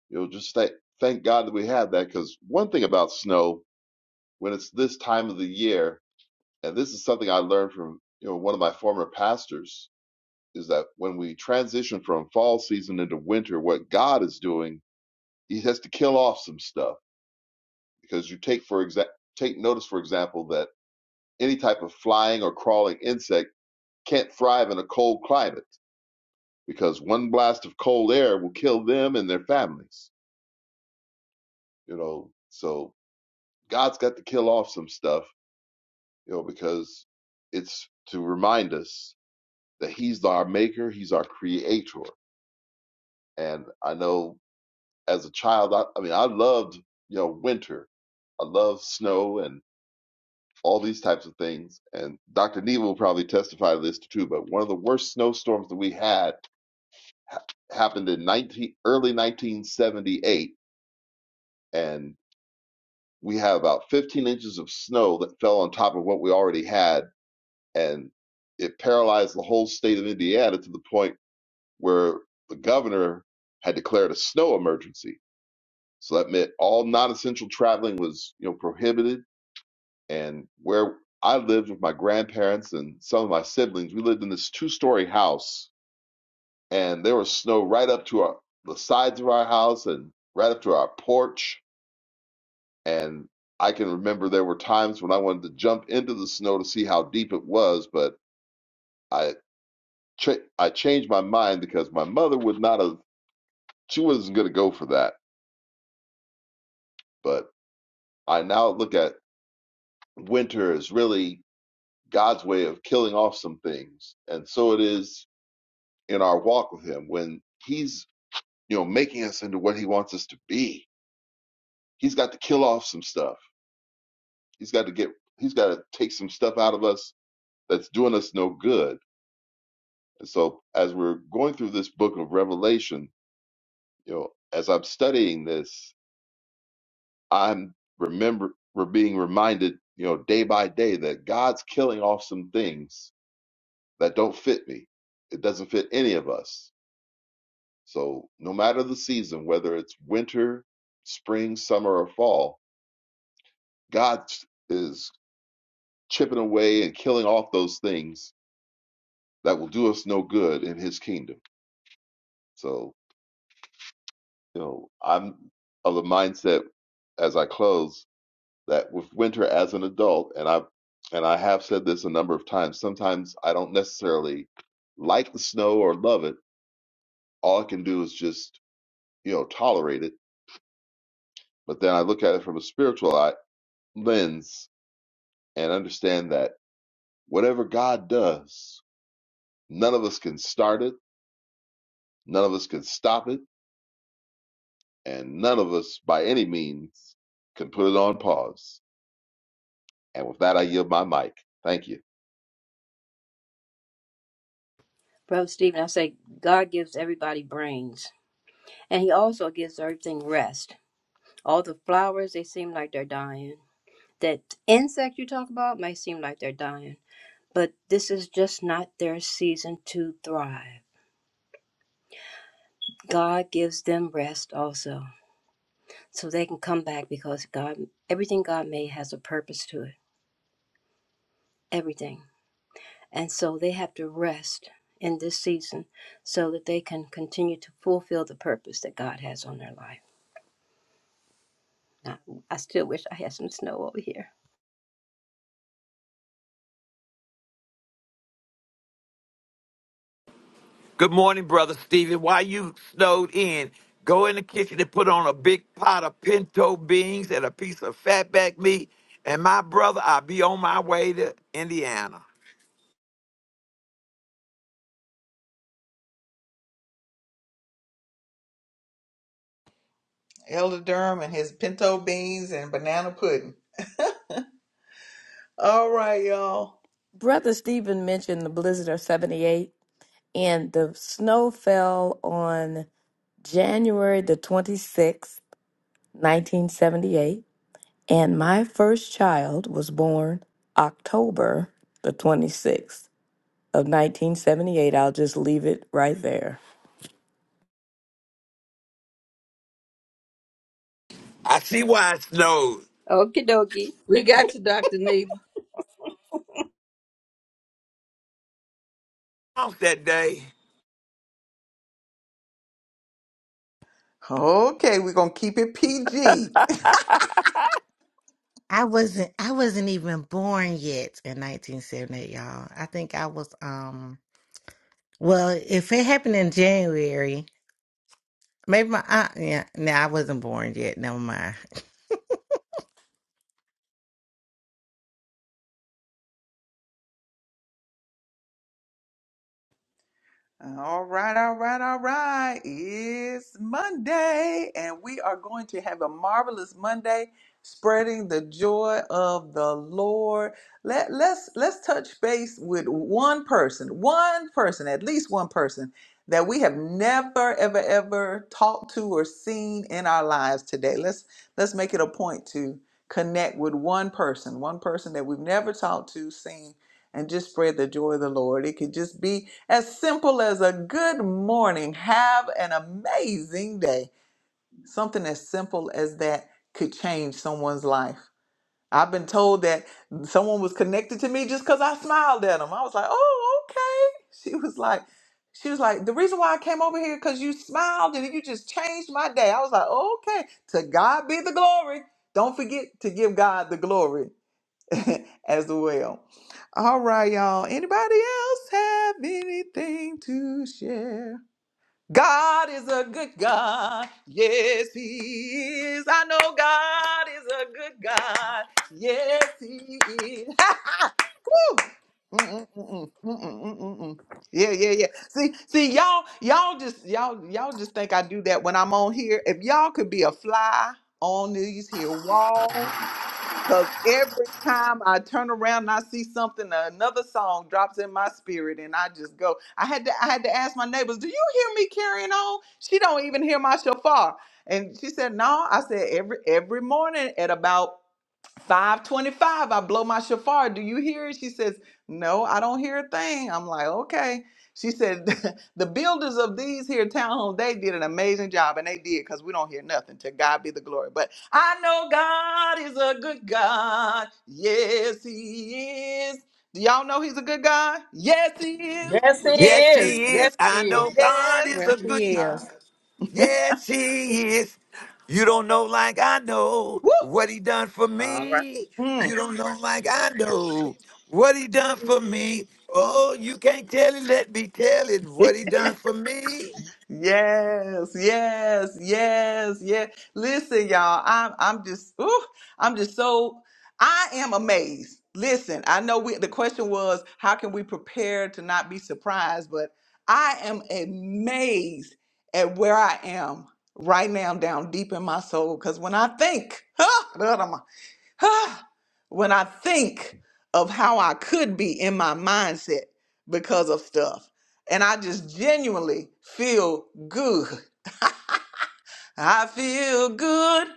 you know just thank thank God that we have that. Because one thing about snow, when it's this time of the year, and this is something I learned from you know one of my former pastors, is that when we transition from fall season into winter, what God is doing, He has to kill off some stuff because you take for exa- take notice, for example, that any type of flying or crawling insect can't thrive in a cold climate because one blast of cold air will kill them and their families. You know, so God's got to kill off some stuff, you know, because it's to remind us that He's our Maker, He's our Creator. And I know as a child, I, I mean, I loved you know winter. I loved snow and all these types of things. And Dr. Neal will probably testify to this too, but one of the worst snowstorms that we had ha- happened in 19, early 1978. And we had about 15 inches of snow that fell on top of what we already had. And it paralyzed the whole state of Indiana to the point where the governor had declared a snow emergency. So that meant all non essential traveling was you know prohibited and where I lived with my grandparents and some of my siblings, we lived in this two-story house, and there was snow right up to our, the sides of our house and right up to our porch. And I can remember there were times when I wanted to jump into the snow to see how deep it was, but I cha- I changed my mind because my mother would not have. She wasn't going to go for that. But I now look at winter as really God's way of killing off some things, and so it is in our walk with him when he's you know making us into what he wants us to be he's got to kill off some stuff he's got to get he's got to take some stuff out of us that's doing us no good and so as we're going through this book of revelation you know as i'm studying this i'm remember we're being reminded you know day by day that god's killing off some things that don't fit me it doesn't fit any of us So, no matter the season, whether it's winter, spring, summer, or fall, God is chipping away and killing off those things that will do us no good in His kingdom. So, you know, I'm of the mindset as I close that with winter as an adult, and I've and I have said this a number of times. Sometimes I don't necessarily like the snow or love it. All I can do is just, you know, tolerate it. But then I look at it from a spiritual eye, lens and understand that whatever God does, none of us can start it, none of us can stop it, and none of us by any means can put it on pause. And with that, I yield my mic. Thank you. Brother Stephen, I say God gives everybody brains, and He also gives everything rest. All the flowers, they seem like they're dying. That insect you talk about may seem like they're dying, but this is just not their season to thrive. God gives them rest also, so they can come back because God, everything God made has a purpose to it. Everything. And so they have to rest in this season so that they can continue to fulfill the purpose that God has on their life. I, I still wish I had some snow over here. Good morning, Brother Stephen. While you snowed in, go in the kitchen and put on a big pot of pinto beans and a piece of fatback meat. And my brother, I'll be on my way to Indiana. Elder Durham and his pinto beans and banana pudding. All right, y'all. Brother Stephen mentioned the blizzard of 78, and the snow fell on January the 26th, 1978. And my first child was born October the 26th of 1978. I'll just leave it right there. I see why it snowed Okie dokie. We got you, Dr. Neva. off that day. Okay, we're gonna keep it PG. i wasn't i wasn't even born yet in 1978 y'all i think i was um well if it happened in january maybe my aunt yeah no i wasn't born yet never mind All right, all right, all right. It's Monday, and we are going to have a marvelous Monday, spreading the joy of the Lord. Let let's let's touch base with one person, one person, at least one person that we have never, ever, ever talked to or seen in our lives today. Let's let's make it a point to connect with one person, one person that we've never talked to, seen and just spread the joy of the Lord. It could just be as simple as a good morning. Have an amazing day. Something as simple as that could change someone's life. I've been told that someone was connected to me just because I smiled at them. I was like, oh, okay. She was like, she was like, the reason why I came over here because you smiled and you just changed my day. I was like, okay, to God be the glory. Don't forget to give God the glory as well. All right, y'all. Anybody else have anything to share? God is a good God. Yes, He is. I know God is a good God. Yes, He is. Woo! Mm, mm, mm, mm, mm, mm, mm, mm, mm. Yeah, yeah, yeah. See, see, y'all, y'all just y'all y'all just think I do that when I'm on here. If y'all could be a fly on these here walls Cause every time I turn around and I see something, another song drops in my spirit, and I just go. I had to, I had to ask my neighbors, "Do you hear me carrying on?" She don't even hear my shofar, and she said, "No." I said, "Every every morning at about 525 i blow my shofar do you hear it she says no i don't hear a thing i'm like okay she said the builders of these here townhomes they did an amazing job and they did because we don't hear nothing to god be the glory but i know god is a good god yes he is do y'all know he's a good god yes he is Yes, he yes Yes, he is. he Yes, is is. he I is. know God is yes Yes, a he good he is God. is. Yes, he is. You don't know like I know Woo! what he done for All right. me. Mm. You don't know like I know what he done for me. Oh, you can't tell it. Let me tell it what he done for me. Yes, yes, yes, yes. Listen, y'all, I'm I'm just ooh, I'm just so I am amazed. Listen, I know we the question was how can we prepare to not be surprised, but I am amazed at where I am right now down deep in my soul. Cause when I think, when I think of how I could be in my mindset because of stuff. And I just genuinely feel good. I feel good,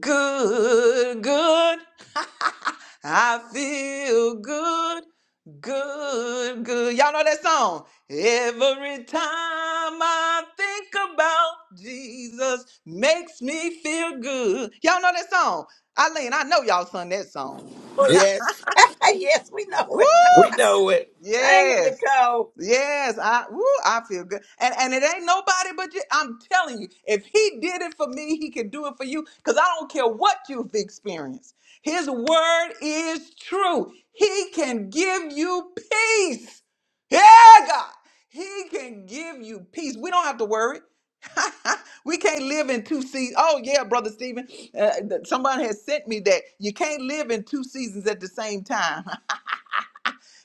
good, good. I feel good, good, good. Y'all know that song? Every time I think about Jesus makes me feel good. Y'all know that song? Eileen, I know y'all sung that song. Yes, yes, we know Woo! it. we know it. Dang it, Yes. Nicole. Yes, I woo, I feel good. And and it ain't nobody but you. I'm telling you, if he did it for me, he can do it for you. Because I don't care what you've experienced. His word is true. He can give you peace. Yeah, God. He can give you peace. We don't have to worry. we can't live in two seasons. Oh, yeah, Brother Stephen. Uh, th- somebody has sent me that. You can't live in two seasons at the same time.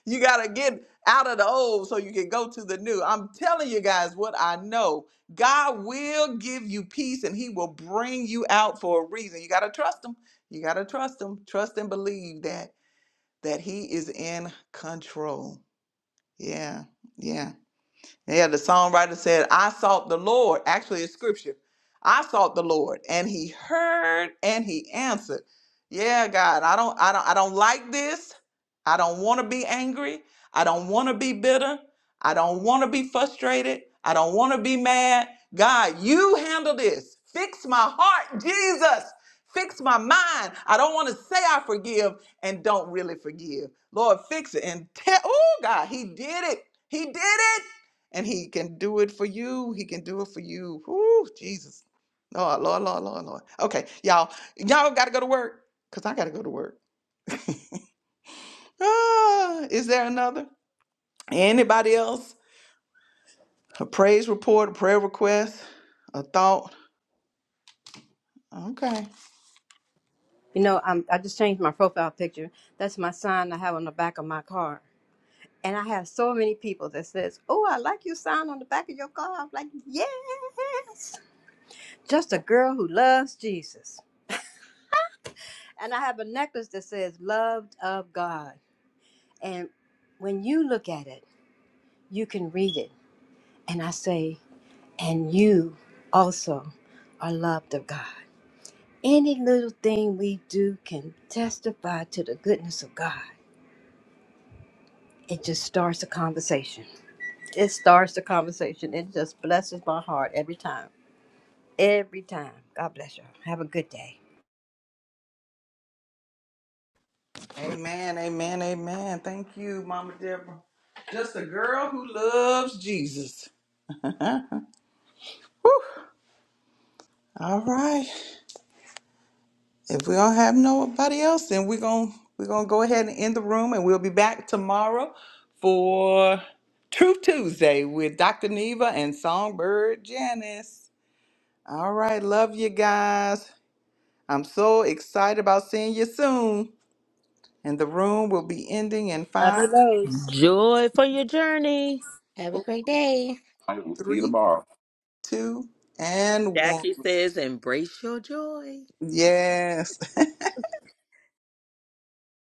you got to get out of the old so you can go to the new. I'm telling you guys what I know. God will give you peace and he will bring you out for a reason. You got to trust him. You got to trust him. Trust and believe that that he is in control. Yeah. Yeah. Yeah, the songwriter said, I sought the Lord. Actually, it's scripture. I sought the Lord and he heard and he answered. Yeah, God, I don't I don't I don't like this. I don't want to be angry. I don't want to be bitter. I don't want to be frustrated. I don't want to be mad. God, you handle this. Fix my heart, Jesus. Fix my mind. I don't want to say I forgive and don't really forgive. Lord, fix it and tell. Oh, God, he did it. He did it and he can do it for you. He can do it for you. Whoo, Jesus. Lord, Lord, Lord, Lord, Lord. Okay, y'all, y'all gotta go to work. Cause I gotta go to work. Ah, is there another? Anybody else? A praise report, a prayer request, a thought. Okay. You know, I'm, I just changed my profile picture. That's my sign I have on the back of my car. And I have so many people that says, "Oh, I like your sign on the back of your car." I'm like, "Yes, just a girl who loves Jesus." And I have a necklace that says "Loved of God." And when you look at it, you can read it And I say, and you also are loved of God. Any little thing we do can testify to the goodness of God. It just starts a conversation. It starts the conversation. It just blesses my heart every time. Every time. God bless you. Have a good day. Amen, amen, amen. Thank you, Mama Deborah. Just a girl who loves Jesus. Huh? All right. If we don't have nobody else, then we're going to we're going to go ahead and end the room and we'll be back tomorrow for Truth Tuesday with Dr. Neva and Songbird Janice. All right, love you guys. I'm so excited about seeing you soon. And the room will be ending in Love you, five, loads. Joy for your journey. Have a four, great day. All right, we'll see you three, tomorrow. two, and one. Jackie says, embrace your joy. Yes.